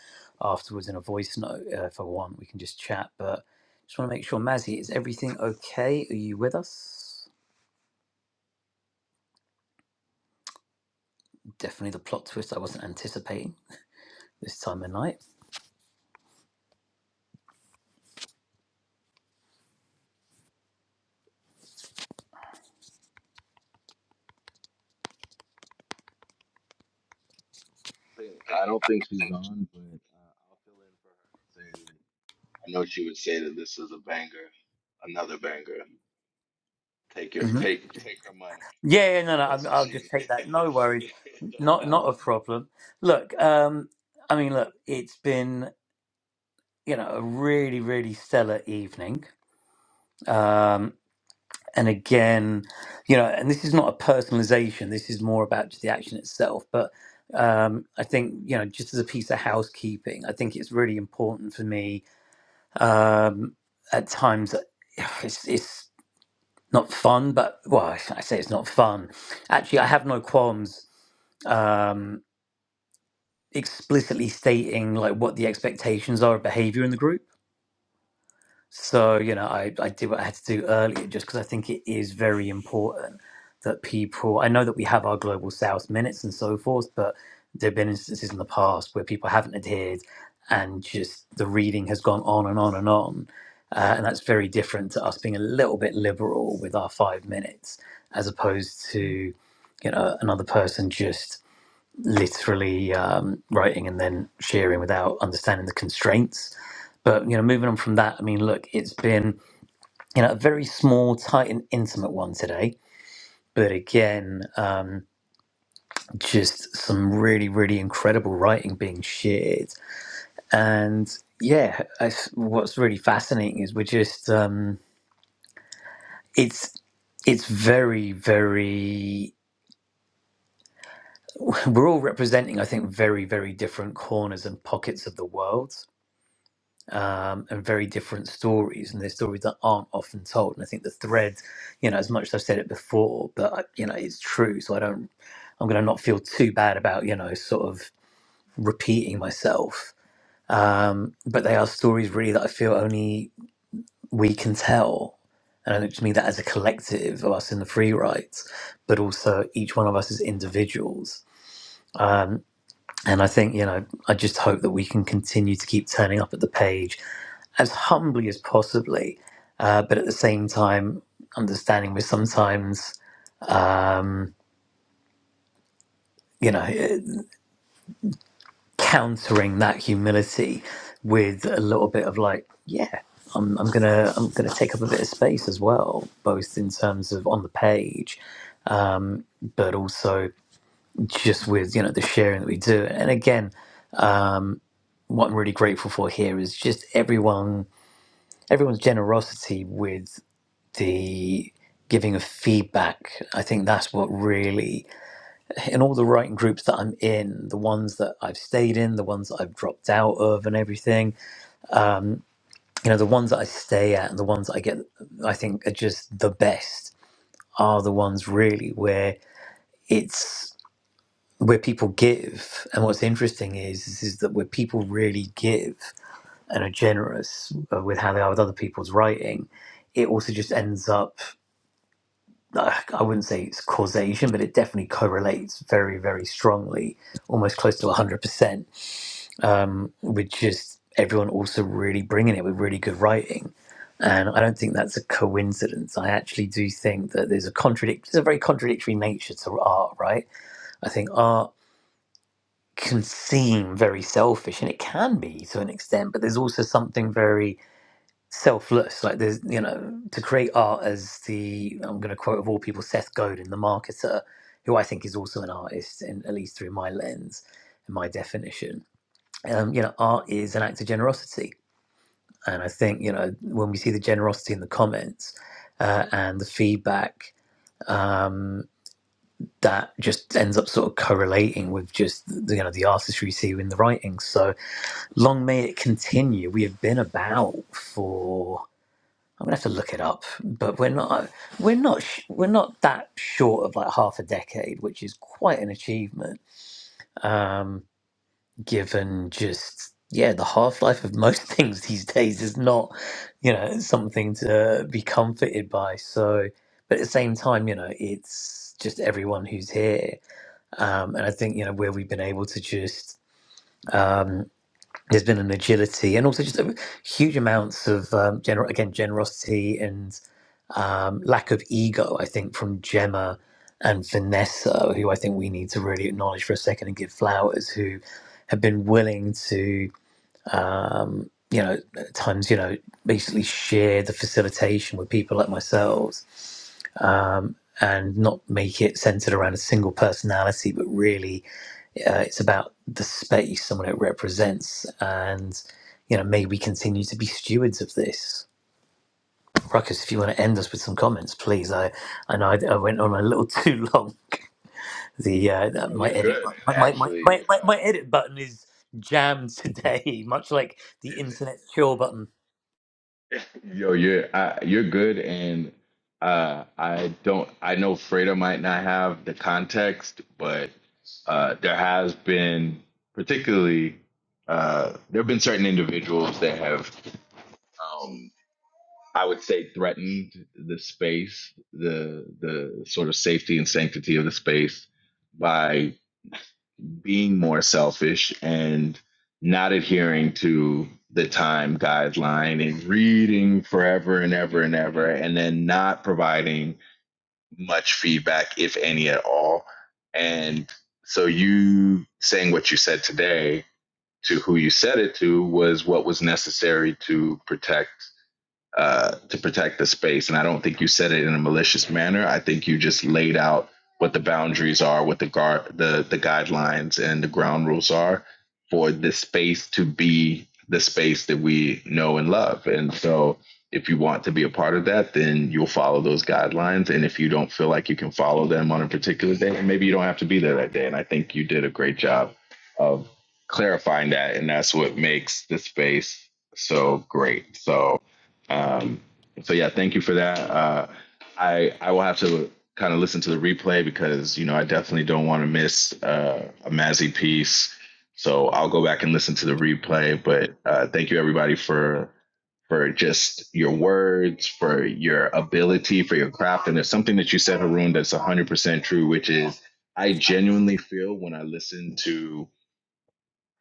afterwards in a voice note uh, if I want. We can just chat, but just want to make sure Mazzy, is everything okay? Are you with us? Definitely the plot twist I wasn't anticipating this time of night. know she would say that this is a banger, another banger. Take your Mm-hmm. take take her money. Yeah, yeah, no, no, That's I'm- what I'll she. just take that. No worries. oh, Not not a problem. Look, um, I mean, look, it's been, you know, a really, really stellar evening. Um, and again, you know, and this is not a personalization, this is more about just the action itself. But um, I think, you know, just as a piece of housekeeping, I think it's really important for me um, at times that it's, it's not fun, but well, I say it's not fun. Actually, I have no qualms. um explicitly stating like what the expectations are of behavior in the group. So, you know, I, I did what I had to do earlier just because I think it is very important that people, I know that we have our global south minutes and so forth, but there have been instances in the past where people haven't adhered and just the reading has gone on and on and on. Uh, and that's very different to us being a little bit liberal with our five minutes as opposed to, you know, another person just literally um, writing and then sharing without understanding the constraints. But you know, moving on from that, I mean, look, it's been you know a very small, tight, and intimate one today. But again, um, just some really, really incredible writing being shared. And yeah, I, what's really fascinating is we're just um, it's it's very, very we're all representing, I think, very, very different corners and pockets of the world um, and very different stories, and they're stories that aren't often told. And I think the thread, you know, as much as I've said it before, but I- you know, it's true. So I don't, I'm going to not feel too bad about you know, sort of repeating myself. Um, but they are stories really that I feel only we can tell. And I think to me that as a collective of us in the free rights, but also each one of us as individuals. Um, and I think, you know, I just hope that we can continue to keep turning up at the page as humbly as possibly, uh, but at the same time, understanding we're sometimes, um, you know, eh, countering that humility with a little bit of like, yeah, I'm, I'm gonna I'm gonna take up a bit of space as well, both in terms of on the page, um, but also just with you know the sharing that we do. And again, um, what I'm really grateful for here is just everyone everyone's generosity with the giving of feedback. I think that's what really, in all the writing groups that I'm in, the ones that I've stayed in, the ones that I've dropped out of, and everything, you know, the ones that I stay at and the ones that I get, I think are just the best are the ones really where it's where people give. And what's interesting is, is, is that where people really give and are generous uh, with how they are with other people's writing, it also just ends up uh, I wouldn't say it's causation, but it definitely correlates very, very strongly, almost close to 100%, um, with just everyone also really bringing it with really good writing. And I don't think that's a coincidence. I actually do think that there's a contradict, there's a very contradictory nature to art, right? I think art can seem very selfish, and it can be to an extent, but there's also something very selfless. Like there's, you know, to create art as the I'm going to quote of all people, Seth Godin, the marketer, who I think is also an artist, in, at least through my lens and my definition. Um, you know, art is an act of generosity, and I think you know when we see the generosity in the comments uh, and the feedback. Um, that just ends up sort of correlating with just the, you know the artistry you see in the writing. So long may it continue. We have been about for I'm gonna have to look it up, but we're not we're not sh- we're not that short of like half a decade, which is quite an achievement. Um, given just yeah, the half life of most things these days is not you know something to be comforted by. So, but at the same time, you know, it's just everyone who's here, um, and I think you know where we've been able to just. um, there's been an agility and also just a huge amounts of um, gener- again generosity and um, lack of ego. I think from Gemma and Vanessa, who I think we need to really acknowledge for a second and give flowers, who have been willing to um, you know at times you know basically share the facilitation with people like myself um, and not make it centered around a single personality, but really uh, it's about the space and what it represents. And, you know, may we continue to be stewards of this. Ruckus, if you want to end us with some comments, please. I, I know I, I went on a little too long. The uh, my you're good. edit my, And my, my, actually, my, my my edit button is jammed today, much like the uh, internet cure button. Yo, you're I, you're good, and uh, I don't. I know Freda might not have the context, but uh, there has been particularly uh, there have been certain individuals that have, um, I would say, threatened the space, the the sort of safety and sanctity of the space by being more selfish and not adhering to the time guideline and reading forever and ever and ever and then not providing much feedback if any at all and so you saying what you said today to who you said it to was what was necessary to protect uh, to protect the space. And I don't think you said it in a malicious manner. I think you just laid out what the boundaries are, what the guard, the the guidelines and the ground rules are for this space to be the space that we know and love. And so, if you want to be a part of that, then you'll follow those guidelines. And if you don't feel like you can follow them on a particular day, maybe you don't have to be there that day. And I think you did a great job of clarifying that, and that's what makes the space so great. So um, so yeah, thank you for that. Uh, I I will have to kind of listen to the replay because you know I definitely don't want to miss uh, a Mazzy piece. So I'll go back and listen to the replay. But uh, thank you everybody for for just your words, for your ability, for your craft. And there's something that you said, Haroon, that's 100% true, which is I genuinely feel when I listen to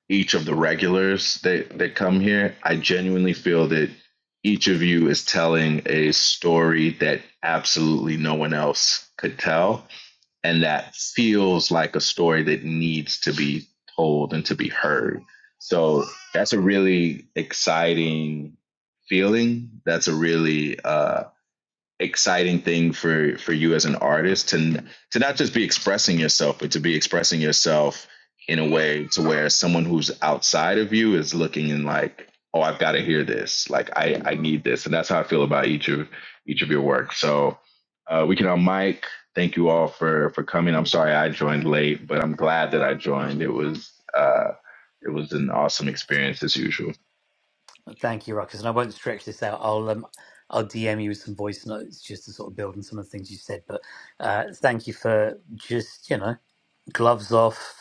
each of the regulars that, that come here, I genuinely feel that each of you is telling a story that absolutely no one else could tell. And that feels like a story that needs to be told and to be heard. So that's a really exciting feeling. That's a really uh, exciting thing for for you as an artist to to not just be expressing yourself but to be expressing yourself in a way to where someone who's outside of you is looking and like oh i've got to hear this like i i need this and that's how i feel about each of each of your work so uh we can on mic thank you all for for coming i'm sorry i joined late but i'm glad that i joined it was uh it was an awesome experience as usual Thank you, Ruckus, and I won't stretch this out. I'll um, I'll DM you with some voice notes just to sort of build on some of the things you said. But uh, thank you for just you know gloves off,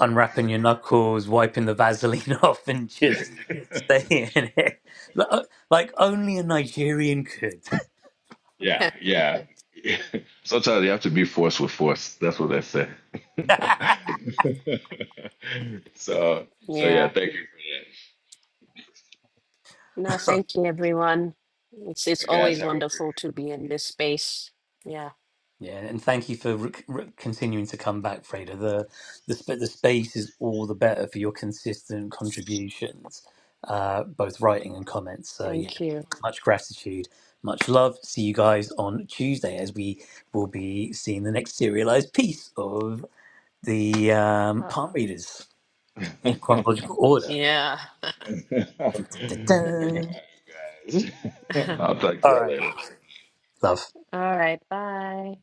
unwrapping your knuckles, wiping the Vaseline off, and just staying Thank in it. Like like only a Nigerian could. Yeah, yeah. Sometimes you have to be forced with force. That's what they say. so, so yeah. Yeah. Thank you for No, thank you everyone. It's it's that, guys. always Have a wonderful great. to be in this space. Yeah. Yeah, and thank you for re- re- continuing to come back, Freda. The, the sp- the space is all the better for your consistent contributions, uh, both writing and comments. So yeah, Thank you. much gratitude, much love. See you guys on Tuesday as we will be seeing the next serialized piece of the Uh, um, palm readers in chronological That's order. funny, Yeah. Dun, dun, dun, All dun. guys. right. I'll talk to All y'all right, later. love. All right. Bye.